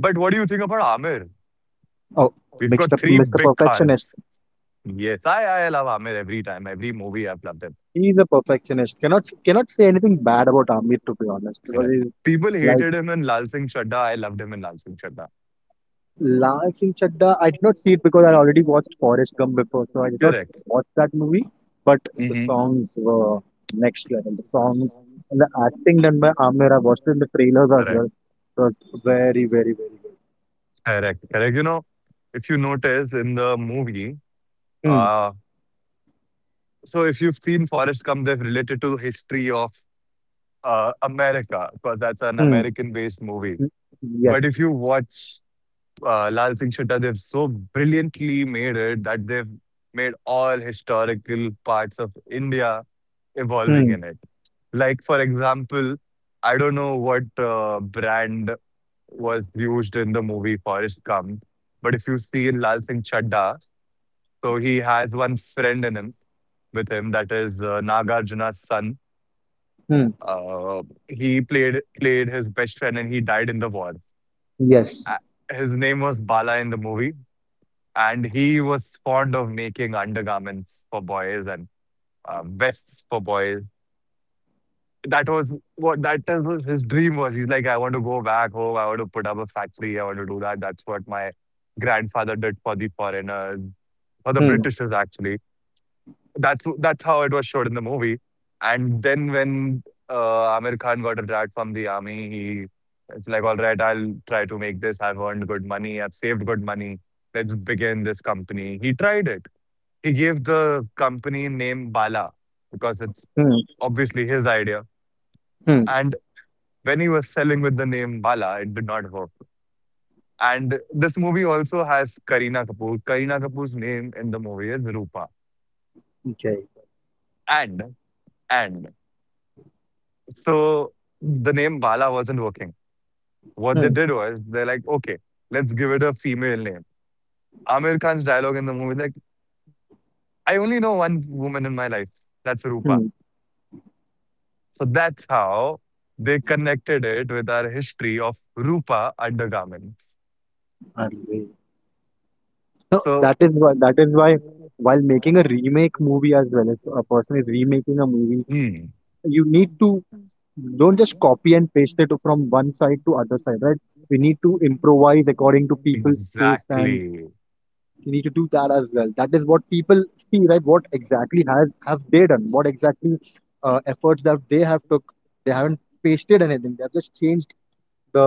[SPEAKER 1] but what do you think about Amir?
[SPEAKER 2] Oh,
[SPEAKER 1] We've
[SPEAKER 2] mixed
[SPEAKER 1] got
[SPEAKER 2] up,
[SPEAKER 1] three
[SPEAKER 2] Mr.
[SPEAKER 1] big
[SPEAKER 2] Perfectionist.
[SPEAKER 1] cons. Yes, I love Amir every time. Every movie I've loved it.
[SPEAKER 2] He's a perfectionist. Cannot say anything bad about Amir to be honest, because
[SPEAKER 1] Correct.
[SPEAKER 2] he's
[SPEAKER 1] People
[SPEAKER 2] like.
[SPEAKER 1] hated him in Lal Singh Chadda. I loved him in Lal Singh Chadda.
[SPEAKER 2] Lal Chadda, I did not see it because I already watched Forrest Gump before, so I did not
[SPEAKER 1] Correct.
[SPEAKER 2] watch that movie. But the
[SPEAKER 1] Mm-hmm.
[SPEAKER 2] songs were next level. The songs and the acting done by Amir, I watched it in the trailers as well.
[SPEAKER 1] Correct.
[SPEAKER 2] It was very, very, very good.
[SPEAKER 1] Correct. Correct. You know, if you notice in the movie,
[SPEAKER 2] Hmm.
[SPEAKER 1] uh, so if you've seen Forrest Gump, they've related to the history of America because that's an
[SPEAKER 2] Hmm.
[SPEAKER 1] American-based movie.
[SPEAKER 2] Hmm. Yes.
[SPEAKER 1] But if you watch Lal Singh Chadda, they've so brilliantly made it that they've made all historical parts of India evolving
[SPEAKER 2] Hmm.
[SPEAKER 1] in it. Like, for example, I don't know what brand was used in the movie Forrest Gump, but if you see in Lal Singh Chadda, so he has one friend in him with him that is Nagarjuna's son.
[SPEAKER 2] Hmm.
[SPEAKER 1] Uh, he played his best friend and he died in the war.
[SPEAKER 2] Yes.
[SPEAKER 1] His name was Bala in the movie, and he was fond of making undergarments for boys and vests for boys. That was what that is what his dream was. He's like, I want to go back home. I want to put up a factory. I want to do that. That's what my grandfather did for the foreigners, for the
[SPEAKER 2] Hmm.
[SPEAKER 1] Britishers actually. That's how it was showed in the movie. And then when Amir Khan got retired from the army, he it's like, all right, I'll try to make this. I've earned good money. I've saved good money. Let's begin this company. He tried it. He gave the company name Bala because it's
[SPEAKER 2] Hmm.
[SPEAKER 1] obviously his idea.
[SPEAKER 2] Hmm.
[SPEAKER 1] And when he was selling with the name Bala, it did not work. And this movie also has Kareena Kapoor. Kareena Kapoor's name in the movie is Rupa.
[SPEAKER 2] Okay.
[SPEAKER 1] And and so the name Bala wasn't working. What they
[SPEAKER 2] Hmm.
[SPEAKER 1] did was they're like, okay, let's give it a female name. Amir Khan's dialogue in the movie is like, I only know one woman in my life. That's Rupa.
[SPEAKER 2] Hmm.
[SPEAKER 1] So that's how they connected it with our history of Rupa undergarments.
[SPEAKER 2] Arre. No,
[SPEAKER 1] So
[SPEAKER 2] that is why. That is why. While making a remake movie as well, if a person is remaking a movie,
[SPEAKER 1] hmm.
[SPEAKER 2] you need to don't just copy and paste it from one side to other side, right? We need to improvise according to people's taste, and
[SPEAKER 1] Exactly.
[SPEAKER 2] we need to do that as well. That is what people see, right? What exactly has have they done? What exactly efforts that they have took. They haven't pasted anything, they have just changed the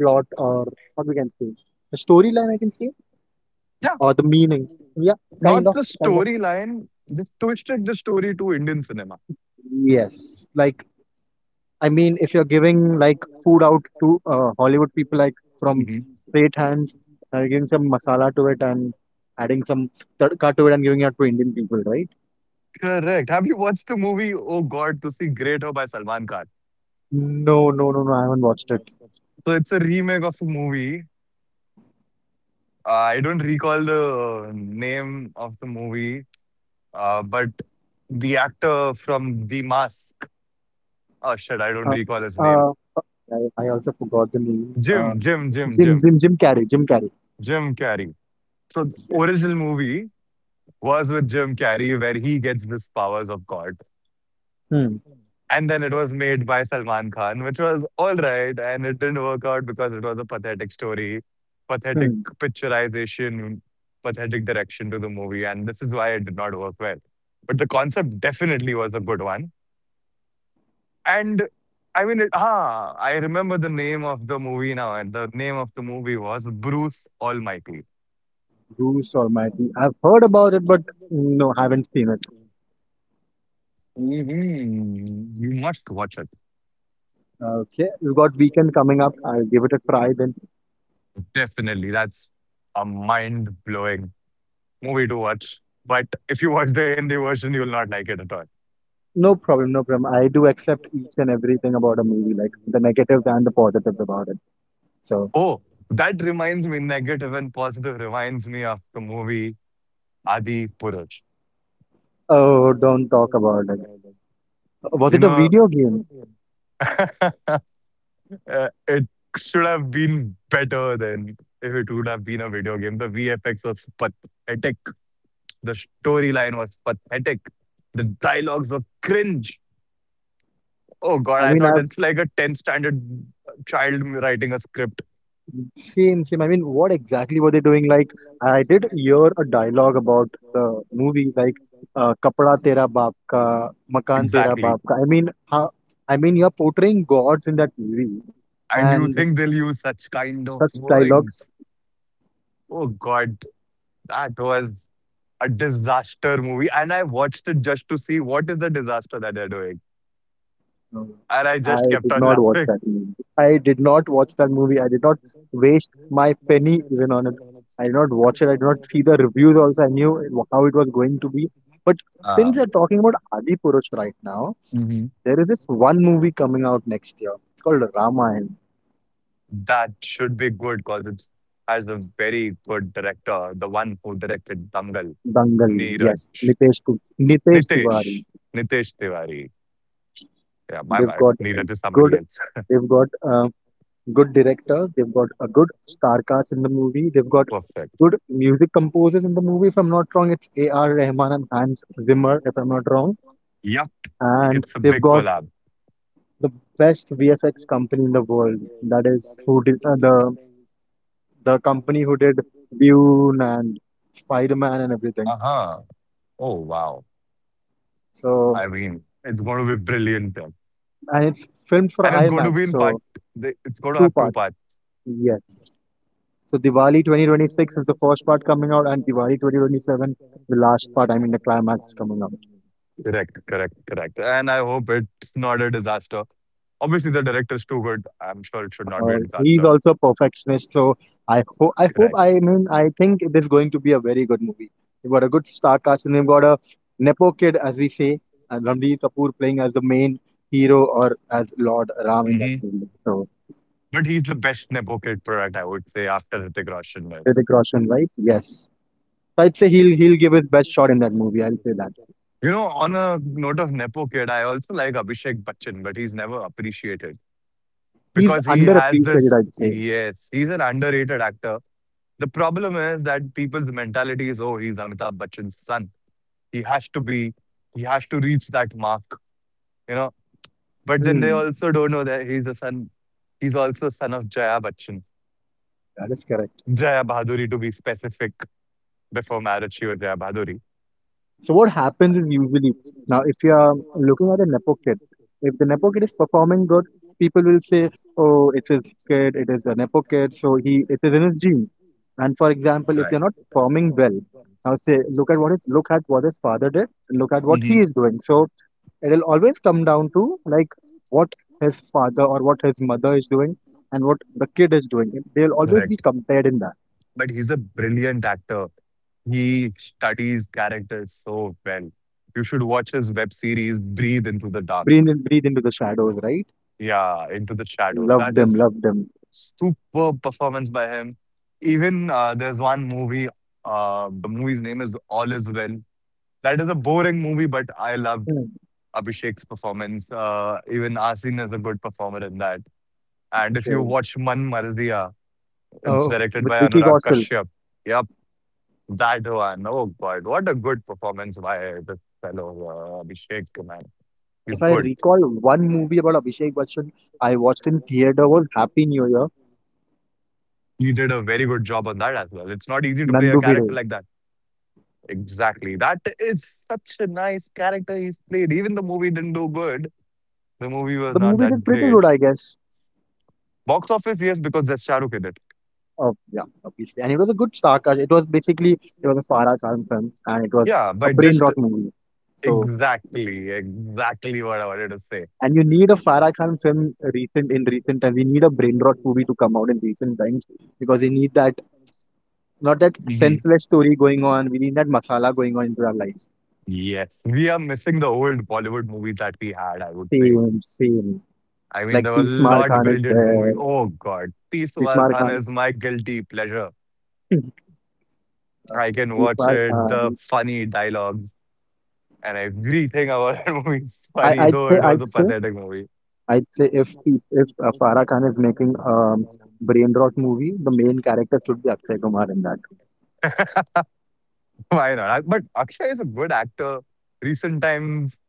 [SPEAKER 2] plot, or what we can say, the storyline, I can say,
[SPEAKER 1] Yeah,
[SPEAKER 2] or the meaning. Yeah, kind
[SPEAKER 1] not
[SPEAKER 2] of
[SPEAKER 1] the
[SPEAKER 2] kind of
[SPEAKER 1] storyline. They twisted the story to Indian cinema.
[SPEAKER 2] Yes, like, I mean, if you're giving like food out to Hollywood people, like from straight hands, giving some masala to it and adding some tadka to it and giving it to Indian people, right?
[SPEAKER 1] Correct. Have you watched the movie Oh God, Tusi Greater by Salman Khan?
[SPEAKER 2] No, no, no, no. I haven't watched it.
[SPEAKER 1] So it's a remake of a movie. I don't recall the name of the movie, but the actor from The Mask. Oh shit, I don't
[SPEAKER 2] Uh,
[SPEAKER 1] recall his name.
[SPEAKER 2] uh, I also forgot the name.
[SPEAKER 1] Jim, Jim, Jim,
[SPEAKER 2] Jim,
[SPEAKER 1] Jim,
[SPEAKER 2] Jim, Jim Carrey, Jim Carrey.
[SPEAKER 1] Jim Carrey. So the
[SPEAKER 2] Yeah.
[SPEAKER 1] original movie was with Jim Carrey, where he gets this powers of God.
[SPEAKER 2] Hmm.
[SPEAKER 1] And then it was made by Salman Khan, which was alright, and it didn't work out because it was a pathetic story, pathetic
[SPEAKER 2] Hmm.
[SPEAKER 1] picturization, pathetic direction to the movie, and this is why it did not work well. But the concept definitely was a good one. And I mean it ah, I remember the name of the movie now, and the name of the movie was Bruce Almighty.
[SPEAKER 2] Bruce Almighty. I've heard about it, but no, haven't seen it.
[SPEAKER 1] Mhm. You must watch it.
[SPEAKER 2] Okay, we've got weekend coming up. I'll give it a try then.
[SPEAKER 1] Definitely. That's a mind blowing movie to watch. But if you watch the Hindi version, you will not like it at all.
[SPEAKER 2] No problem, no problem. I do accept each and everything about a movie, like the negatives and the positives about it. So,
[SPEAKER 1] Oh, that reminds me, negative and positive reminds me of the movie Adi Purush.
[SPEAKER 2] oh, don't talk about it. Was
[SPEAKER 1] You
[SPEAKER 2] it a
[SPEAKER 1] know,
[SPEAKER 2] video game?
[SPEAKER 1] *laughs* uh, it should have been better than if it would have been a video game. The VFX was pathetic. The storyline was pathetic. The dialogues were cringe. Oh God,
[SPEAKER 2] I
[SPEAKER 1] I
[SPEAKER 2] mean,
[SPEAKER 1] thought
[SPEAKER 2] I've
[SPEAKER 1] it's like a 10th standard child writing a script.
[SPEAKER 2] seen, same. I mean, what exactly were they doing? Like, I did hear a dialogue about the movie, like, "Kapda Tera Baap Ka," "Makan Tera
[SPEAKER 1] Exactly.
[SPEAKER 2] Baap Ka." I mean, how, I mean, you're portraying gods in that movie,
[SPEAKER 1] And you
[SPEAKER 2] and
[SPEAKER 1] think they'll use such kind of
[SPEAKER 2] such
[SPEAKER 1] word?
[SPEAKER 2] dialogues.
[SPEAKER 1] Oh God, that was a disaster movie. And I watched it just to see what is the disaster that they're doing.
[SPEAKER 2] No, no.
[SPEAKER 1] And I just
[SPEAKER 2] I
[SPEAKER 1] kept
[SPEAKER 2] did
[SPEAKER 1] on *laughs*
[SPEAKER 2] not watch
[SPEAKER 1] laughing.
[SPEAKER 2] that movie. I did not watch that movie. I did not waste my penny even on it. I did not watch it. I did not see the reviews also. How it was going to be. But since
[SPEAKER 1] Um,
[SPEAKER 2] you're talking about Adi Purush right now,
[SPEAKER 1] mhm.
[SPEAKER 2] there is this one movie coming out next year. It's called Ramayana.
[SPEAKER 1] That should be good because it's has a very good director, the one who directed Dangal,
[SPEAKER 2] Dangal,
[SPEAKER 1] Neeraj.
[SPEAKER 2] yes. Nitesh Tiwari.
[SPEAKER 1] Nitesh. Nitesh Tiwari. Yeah, my
[SPEAKER 2] They've
[SPEAKER 1] bad.
[SPEAKER 2] got
[SPEAKER 1] Neeraj is
[SPEAKER 2] good.
[SPEAKER 1] somebody else.
[SPEAKER 2] They've got good director. They've got a good star cast in the movie. They've got
[SPEAKER 1] Perfect.
[SPEAKER 2] good music composers in the movie. If I'm not wrong, it's A.R. Rahman and Hans Zimmer, if I'm not wrong.
[SPEAKER 1] Yep,
[SPEAKER 2] And
[SPEAKER 1] it's a
[SPEAKER 2] they've
[SPEAKER 1] big
[SPEAKER 2] got
[SPEAKER 1] collab.
[SPEAKER 2] the best VFX company in the world. That is who did the company who did Dune and Spider Man and everything.
[SPEAKER 1] Uh-huh. Oh wow.
[SPEAKER 2] So,
[SPEAKER 1] I mean, it's gonna be brilliant. Yeah.
[SPEAKER 2] and it's filmed for
[SPEAKER 1] And it's going to
[SPEAKER 2] IMAX.
[SPEAKER 1] be in part.
[SPEAKER 2] So
[SPEAKER 1] It's going to
[SPEAKER 2] two
[SPEAKER 1] have two
[SPEAKER 2] parts.
[SPEAKER 1] parts.
[SPEAKER 2] Yes. So Diwali 2026 is the first part coming out, and Diwali 2027 the last part. I mean, the climax is coming out.
[SPEAKER 1] Correct, correct, correct. And I hope it's not a disaster. Obviously, the director's too good. I'm sure it should not be a
[SPEAKER 2] He's
[SPEAKER 1] disaster.
[SPEAKER 2] also a perfectionist, so I hope,
[SPEAKER 1] Correct.
[SPEAKER 2] I mean, I think it is going to be a very good movie. They've got a good star cast and they've got a nepo kid, as we say, and Ranbir Kapoor playing as the main hero or as Lord Ram in that
[SPEAKER 1] Hmm.
[SPEAKER 2] movie. So
[SPEAKER 1] But he's the best nepo kid product, I would say, after Hrithik Roshan is.
[SPEAKER 2] Hrithik Roshan, right? Yes. So I'd say he'll give his best shot in that movie. I'll say that
[SPEAKER 1] You know, on a note of nepo kid, I also like Abhishek Bachchan, but he's never appreciated
[SPEAKER 2] he's
[SPEAKER 1] because he has
[SPEAKER 2] underappreciated.
[SPEAKER 1] this.
[SPEAKER 2] I'd say.
[SPEAKER 1] Yes, he's an underrated actor. The problem is that people's mentality is, oh, he's Amitabh Bachchan's son. He has to be, he has to reach that mark, you know. But then they
[SPEAKER 2] Hmm,
[SPEAKER 1] also don't know that he's a son. He's also son of Jaya Bachchan,
[SPEAKER 2] that is correct.
[SPEAKER 1] Jaya Bahaduri to be specific. Before marriage, she was Jaya Bahaduri.
[SPEAKER 2] So what happens is usually now if you are looking at a nepo kid, if the nepo kid is performing good, people will say, "Oh, it's his kid. It is a nepo kid. So he it is in his gene." And for example, if
[SPEAKER 1] Right.
[SPEAKER 2] they're not performing well, now say, "Look at what his father did. Look at what
[SPEAKER 1] Hmm.
[SPEAKER 2] he is doing." So it'll always come down to like what his father or what his mother is doing and what the kid is doing. They'll always be
[SPEAKER 1] Correct.
[SPEAKER 2] compared in that.
[SPEAKER 1] But he's a brilliant actor. He studies characters so well. You should watch his web series, Breathe into the Dark.
[SPEAKER 2] Breathe into the shadows, right?
[SPEAKER 1] Yeah, Into the Shadows.
[SPEAKER 2] Love
[SPEAKER 1] That
[SPEAKER 2] them,
[SPEAKER 1] is
[SPEAKER 2] love them.
[SPEAKER 1] superb performance by him. Even there's one movie, the movie's name is All Is Well. That is a boring movie, but I loved Abhishek's performance. Even Asin is a good performer in that. And if you
[SPEAKER 2] Okay.
[SPEAKER 1] watch Man Marziya, it's
[SPEAKER 2] Oh,
[SPEAKER 1] directed
[SPEAKER 2] with
[SPEAKER 1] by
[SPEAKER 2] Vicky
[SPEAKER 1] Anurag
[SPEAKER 2] Kaushal.
[SPEAKER 1] Kashyap. Yep, that one. Oh God, what a good performance by the fellow Abhishek, man. He's
[SPEAKER 2] If I
[SPEAKER 1] good.
[SPEAKER 2] recall one movie about Abhishek Bachchan I watched in theater was Happy New Year,
[SPEAKER 1] He did a very good job on that as well. It's not easy to play a
[SPEAKER 2] Nandu Bhide.
[SPEAKER 1] character like that. Exactly. That is such a nice character he's played. Even the movie didn't do good. The movie was
[SPEAKER 2] The
[SPEAKER 1] not
[SPEAKER 2] movie
[SPEAKER 1] that
[SPEAKER 2] did pretty
[SPEAKER 1] great.
[SPEAKER 2] good, I guess.
[SPEAKER 1] Box office, yes, because there's Shah Rukh in it.
[SPEAKER 2] Yeah, obviously. And it was a good star cast. It was basically, it was a Farah Khan film and it was
[SPEAKER 1] Yeah,
[SPEAKER 2] a
[SPEAKER 1] but
[SPEAKER 2] brain
[SPEAKER 1] just
[SPEAKER 2] rot movie. So,
[SPEAKER 1] exactly, exactly what I wanted to say.
[SPEAKER 2] and you need a Farah Khan film recent in recent times. We need a brain rot movie to come out in recent times because we need that, not that
[SPEAKER 1] Hmm.
[SPEAKER 2] senseless story going on. We need that masala going on into our lives.
[SPEAKER 1] Yes, we are missing the old Bollywood movies that we had, I would say.
[SPEAKER 2] Same, same.
[SPEAKER 1] I mean,
[SPEAKER 2] Like
[SPEAKER 1] there were a
[SPEAKER 2] Peace Mar
[SPEAKER 1] lot of
[SPEAKER 2] Khan is
[SPEAKER 1] brilliant
[SPEAKER 2] there.
[SPEAKER 1] movies. Oh, God. Peeswar
[SPEAKER 2] Bismar
[SPEAKER 1] Khana
[SPEAKER 2] Khan.
[SPEAKER 1] is my guilty pleasure. I can watch
[SPEAKER 2] Bismar
[SPEAKER 1] it,
[SPEAKER 2] Khan.
[SPEAKER 1] the
[SPEAKER 2] *clears throat*
[SPEAKER 1] funny dialogues and everything about *laughs* that movie is
[SPEAKER 2] I,
[SPEAKER 1] funny,
[SPEAKER 2] I'd
[SPEAKER 1] though
[SPEAKER 2] say,
[SPEAKER 1] it was
[SPEAKER 2] I'd
[SPEAKER 1] a
[SPEAKER 2] say,
[SPEAKER 1] pathetic movie.
[SPEAKER 2] I'd say if Farah Khan is making a brain rot movie, the main character should be Akshay Kumar in that.
[SPEAKER 1] Why not? But Akshay is a good actor. Recent times,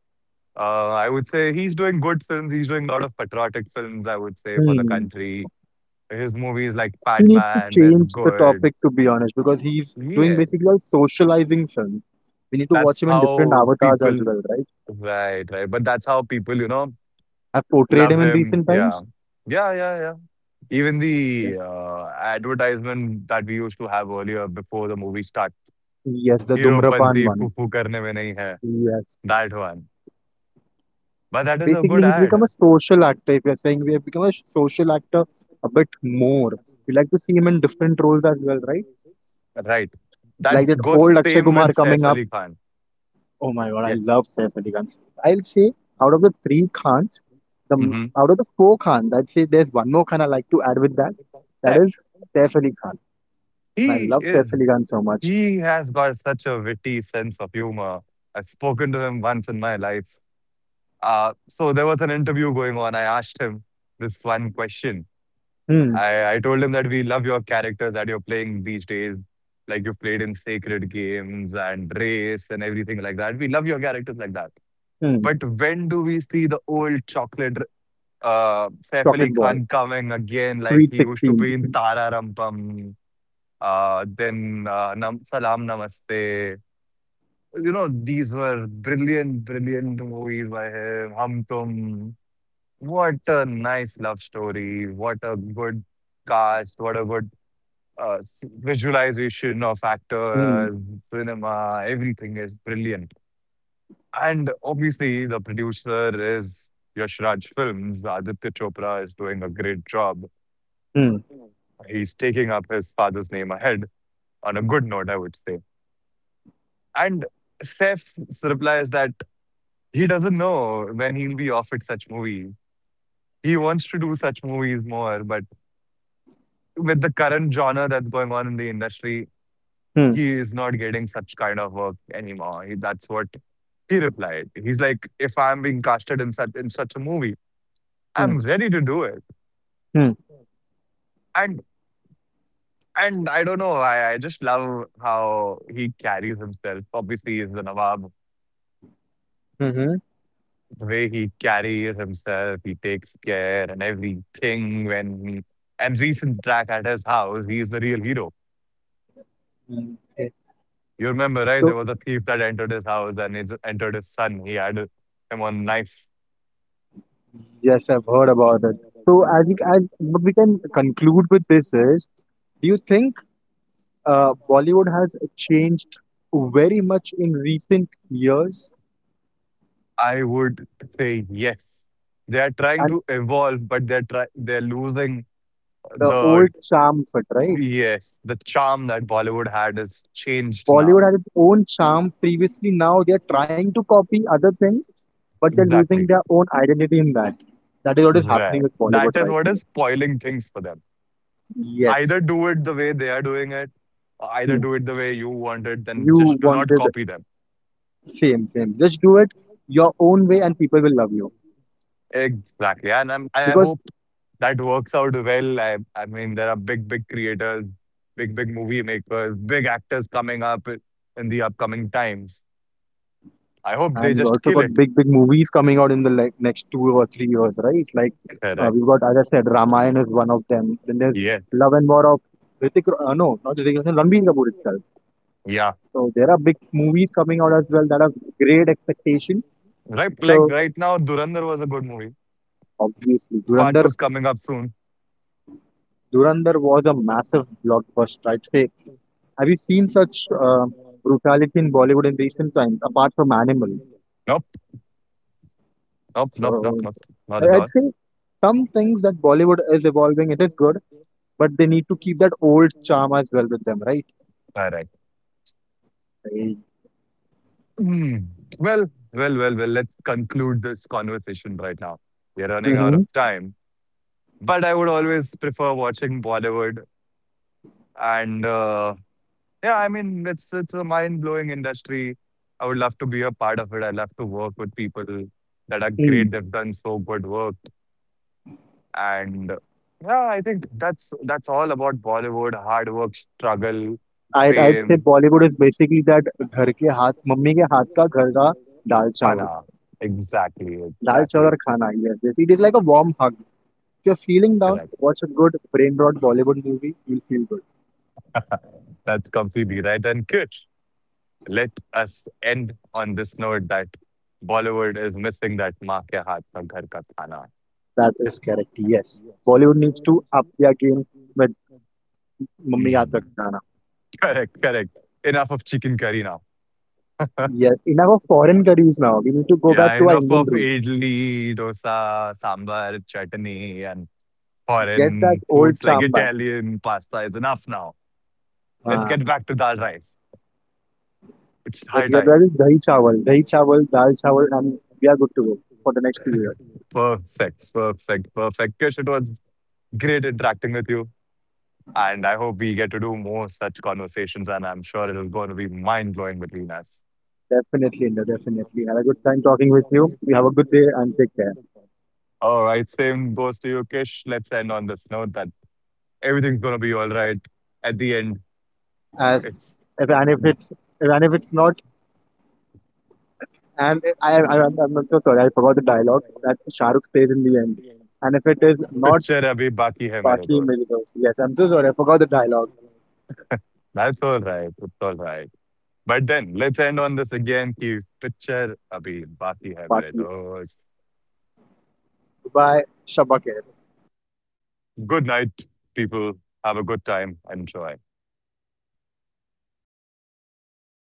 [SPEAKER 1] I would say he's doing good films. He's doing a lot of patriotic films, I would say, for the
[SPEAKER 2] Hmm.
[SPEAKER 1] country. His movies like
[SPEAKER 2] He needs to
[SPEAKER 1] Padman is
[SPEAKER 2] change the
[SPEAKER 1] good.
[SPEAKER 2] topic to be honest, because he's doing
[SPEAKER 1] Yeah.
[SPEAKER 2] basically a socializing film. We need to watch
[SPEAKER 1] That's
[SPEAKER 2] him in different
[SPEAKER 1] how
[SPEAKER 2] avatars as
[SPEAKER 1] people,
[SPEAKER 2] well, right?
[SPEAKER 1] right, right. But that's how people, you know,
[SPEAKER 2] I've portrayed
[SPEAKER 1] love
[SPEAKER 2] him in
[SPEAKER 1] him.
[SPEAKER 2] recent times.
[SPEAKER 1] Yeah. Yeah, yeah, yeah. Even
[SPEAKER 2] Yeah.
[SPEAKER 1] the advertisement that we used to have earlier before the movie start,
[SPEAKER 2] Yes, the
[SPEAKER 1] Hero
[SPEAKER 2] Dhumrapan
[SPEAKER 1] Panti
[SPEAKER 2] one.
[SPEAKER 1] Fufu Karne Mein Nahi Hai,
[SPEAKER 2] Yes.
[SPEAKER 1] that one. But that is a
[SPEAKER 2] Basically,
[SPEAKER 1] good
[SPEAKER 2] he's become a
[SPEAKER 1] ad.
[SPEAKER 2] social actor. If you're saying we have become a social actor a bit more, we like to see him in different roles as well, right?
[SPEAKER 1] Right. That
[SPEAKER 2] Like that
[SPEAKER 1] goes
[SPEAKER 2] old Akshay
[SPEAKER 1] same with
[SPEAKER 2] Kumar
[SPEAKER 1] Saif
[SPEAKER 2] coming up.
[SPEAKER 1] Ali Khan.
[SPEAKER 2] Oh my god, I
[SPEAKER 1] Yeah.
[SPEAKER 2] love Saif Ali Khan. I'll say out of the three Khans,
[SPEAKER 1] Hmm.
[SPEAKER 2] out of the four Khans, I'd say there's one more Khan I like to add with that. That
[SPEAKER 1] Saif,
[SPEAKER 2] is Saif Ali Khan. And I
[SPEAKER 1] he
[SPEAKER 2] love Saif
[SPEAKER 1] is,
[SPEAKER 2] Ali Khan so much.
[SPEAKER 1] he has got such a witty sense of humor. I've spoken to him once in my life. So there was an interview going on. I asked him this one question.
[SPEAKER 2] Hmm.
[SPEAKER 1] I told him that we love your characters that you're playing these days, like you've played in Sacred Games and Race and everything like that. We love your characters like that.
[SPEAKER 2] Hmm.
[SPEAKER 1] But when do we see the old chocolate Saif Ali
[SPEAKER 2] Chocolate Boy.
[SPEAKER 1] Khan coming again, like
[SPEAKER 2] Sweet
[SPEAKER 1] he used to
[SPEAKER 2] Sixteen.
[SPEAKER 1] be in
[SPEAKER 2] *laughs*
[SPEAKER 1] Tara Rampam, then Salam Namaste. You know, these were brilliant, brilliant movies by him. Hum Tum. What a nice love story. What a good cast. What a good visualization of
[SPEAKER 2] Hmm.
[SPEAKER 1] actors, cinema. Everything is brilliant. And obviously, the producer is Yash Raj Films. Aditya Chopra is doing a great job.
[SPEAKER 2] Hmm.
[SPEAKER 1] He's taking up his father's name ahead on a good note, I would say. And Seth replies that he doesn't know when he'll be offered such movie. He wants to do such movies more, but with the current genre that's going on in the industry,
[SPEAKER 2] Hmm.
[SPEAKER 1] he is not getting such kind of work anymore. That's what he replied. He's like, if I'm being casted in such a movie, I'm
[SPEAKER 2] Hmm.
[SPEAKER 1] ready to do it.
[SPEAKER 2] Hmm.
[SPEAKER 1] And and I don't know, I just love how he carries himself. Obviously, he's the Nawab.
[SPEAKER 2] Hmm.
[SPEAKER 1] The way he carries himself, he takes care and everything. And recent track at his house, he's the real hero.
[SPEAKER 2] Hmm. Eh,
[SPEAKER 1] You remember, right?
[SPEAKER 2] so
[SPEAKER 1] There was a thief that entered his house and it entered his son. He had him on knife.
[SPEAKER 2] yes, I've heard about it. So I think, I what we can conclude with this is, do you think Bollywood has changed very much in recent years,
[SPEAKER 1] I would say yes. They are trying
[SPEAKER 2] and
[SPEAKER 1] to evolve, but they're losing
[SPEAKER 2] the
[SPEAKER 1] the,
[SPEAKER 2] old charm of it, right?
[SPEAKER 1] yes, the charm that Bollywood had is changed now.
[SPEAKER 2] Bollywood had its own charm previously. Now they are trying to copy other things, but they're losing
[SPEAKER 1] Exactly
[SPEAKER 2] their own identity in that. That is what is happening
[SPEAKER 1] right.
[SPEAKER 2] with
[SPEAKER 1] That
[SPEAKER 2] Bollywood
[SPEAKER 1] is
[SPEAKER 2] right
[SPEAKER 1] what is
[SPEAKER 2] now.
[SPEAKER 1] spoiling things for them. Either
[SPEAKER 2] Yes.
[SPEAKER 1] do it the way they are doing it, or
[SPEAKER 2] Hmm.
[SPEAKER 1] either do it the way you want it, and
[SPEAKER 2] You
[SPEAKER 1] just do not
[SPEAKER 2] wanted
[SPEAKER 1] copy them.
[SPEAKER 2] same, same. Just do it your own way, and people will love you,
[SPEAKER 1] Exactly. And I
[SPEAKER 2] because.
[SPEAKER 1] hope that works out well. I mean, there are big, big creators, big, big movie makers, big actors coming up in the upcoming times. I hope they
[SPEAKER 2] And we
[SPEAKER 1] just
[SPEAKER 2] also
[SPEAKER 1] kill
[SPEAKER 2] got
[SPEAKER 1] it.
[SPEAKER 2] big, big movies coming out in the like next 2 or 3 years, right? Like
[SPEAKER 1] Correct.
[SPEAKER 2] we've got, as I said, Ramayana is one of them. Then there's
[SPEAKER 1] Yeah.
[SPEAKER 2] Love and War of Ritik. No, not Hrithik, Roshan, Ranbir Kapoor itself.
[SPEAKER 1] Yeah.
[SPEAKER 2] So there are big movies coming out as well that have great expectation.
[SPEAKER 1] Right. Like
[SPEAKER 2] So
[SPEAKER 1] right now, Durandar was a good movie.
[SPEAKER 2] obviously,
[SPEAKER 1] Part
[SPEAKER 2] Durandar,
[SPEAKER 1] two's coming up soon.
[SPEAKER 2] Durandar was a massive blockbuster. I'd say. Have you seen such brutality in Bollywood in recent times, apart from Animal?
[SPEAKER 1] Nope. Nope. Nope. Nope.
[SPEAKER 2] So
[SPEAKER 1] Nope. Not at
[SPEAKER 2] I'd
[SPEAKER 1] all.
[SPEAKER 2] say some things that Bollywood is evolving. It is good, but they need to keep that old charm as well with them, right?
[SPEAKER 1] Correct.
[SPEAKER 2] भाई.
[SPEAKER 1] Mm. Well, well, well, well, let's conclude this conversation right now. We're running out
[SPEAKER 2] Mm-hmm.
[SPEAKER 1] of time. But I would always prefer watching Bollywood. And yeah, I mean, it's a mind blowing industry. I would love to be a part of it. I love to work with people that are
[SPEAKER 2] Hmm.
[SPEAKER 1] great. They've done so good work. And yeah, I think that's all about Bollywood. Hard work, struggle,
[SPEAKER 2] I'd say
[SPEAKER 1] fame,
[SPEAKER 2] Bollywood is basically that घर के हाथ mummy के हाथ का घर का दाल चावल
[SPEAKER 1] Anna. Exactly,
[SPEAKER 2] दाल चावल
[SPEAKER 1] exactly.
[SPEAKER 2] और खाना. Yes, yes, it is like a warm hug. If you're feeling down,
[SPEAKER 1] Correct.
[SPEAKER 2] watch a good brain rot Bollywood movie, you'll feel good.
[SPEAKER 1] *laughs* That's completely right. And good. Let us end on this note that Bollywood is missing that maa ke haath ka ghar ka khana.
[SPEAKER 2] That is correct. Yes, Bollywood needs to up their game with mummy के हाथ का
[SPEAKER 1] Mm.
[SPEAKER 2] खाना.
[SPEAKER 1] Correct, correct. Enough of chicken curry now.
[SPEAKER 2] Yes, enough of foreign curries now, we need to go back
[SPEAKER 1] Yeah,
[SPEAKER 2] to our
[SPEAKER 1] enough
[SPEAKER 2] Indian
[SPEAKER 1] of
[SPEAKER 2] roots.
[SPEAKER 1] idli, dosa, sambar, chutney, and
[SPEAKER 2] Get that
[SPEAKER 1] foreign
[SPEAKER 2] old
[SPEAKER 1] foods like
[SPEAKER 2] charm back.
[SPEAKER 1] Italian pasta is enough now. Let's get
[SPEAKER 2] हाँ.
[SPEAKER 1] back to dal rice. It's
[SPEAKER 2] Let's
[SPEAKER 1] high
[SPEAKER 2] get that
[SPEAKER 1] time.
[SPEAKER 2] is dahi chawal, dal chawal, and we are good to go for the next period.
[SPEAKER 1] Perfect, perfect, perfect. Kish, it was great interacting with you. And I hope we get to do more such conversations, and I'm sure it is going to be mind blowing between us.
[SPEAKER 2] Definitely, Inder, definitely. Had a good time talking with you. You have a good day and take care.
[SPEAKER 1] All right, same goes to you, Kish. Let's end on this note that everything's going to be all right. At the end,
[SPEAKER 2] As
[SPEAKER 1] it's
[SPEAKER 2] if and if it's if, and if it's not, and I'm so sorry, I forgot the dialogue that Shahrukh says in the end. And if it is not
[SPEAKER 1] picture abhi baki hai mere
[SPEAKER 2] Baki
[SPEAKER 1] dost.
[SPEAKER 2] Milibos, yes, I'm so sorry, I forgot the dialogue.
[SPEAKER 1] That's all right. It's all right. But then let's end on this again. Ki picture abhi baki hai mere
[SPEAKER 2] Baki,
[SPEAKER 1] dost.
[SPEAKER 2] goodbye, Shabake.
[SPEAKER 1] Good night, people. Have a good time. Enjoy.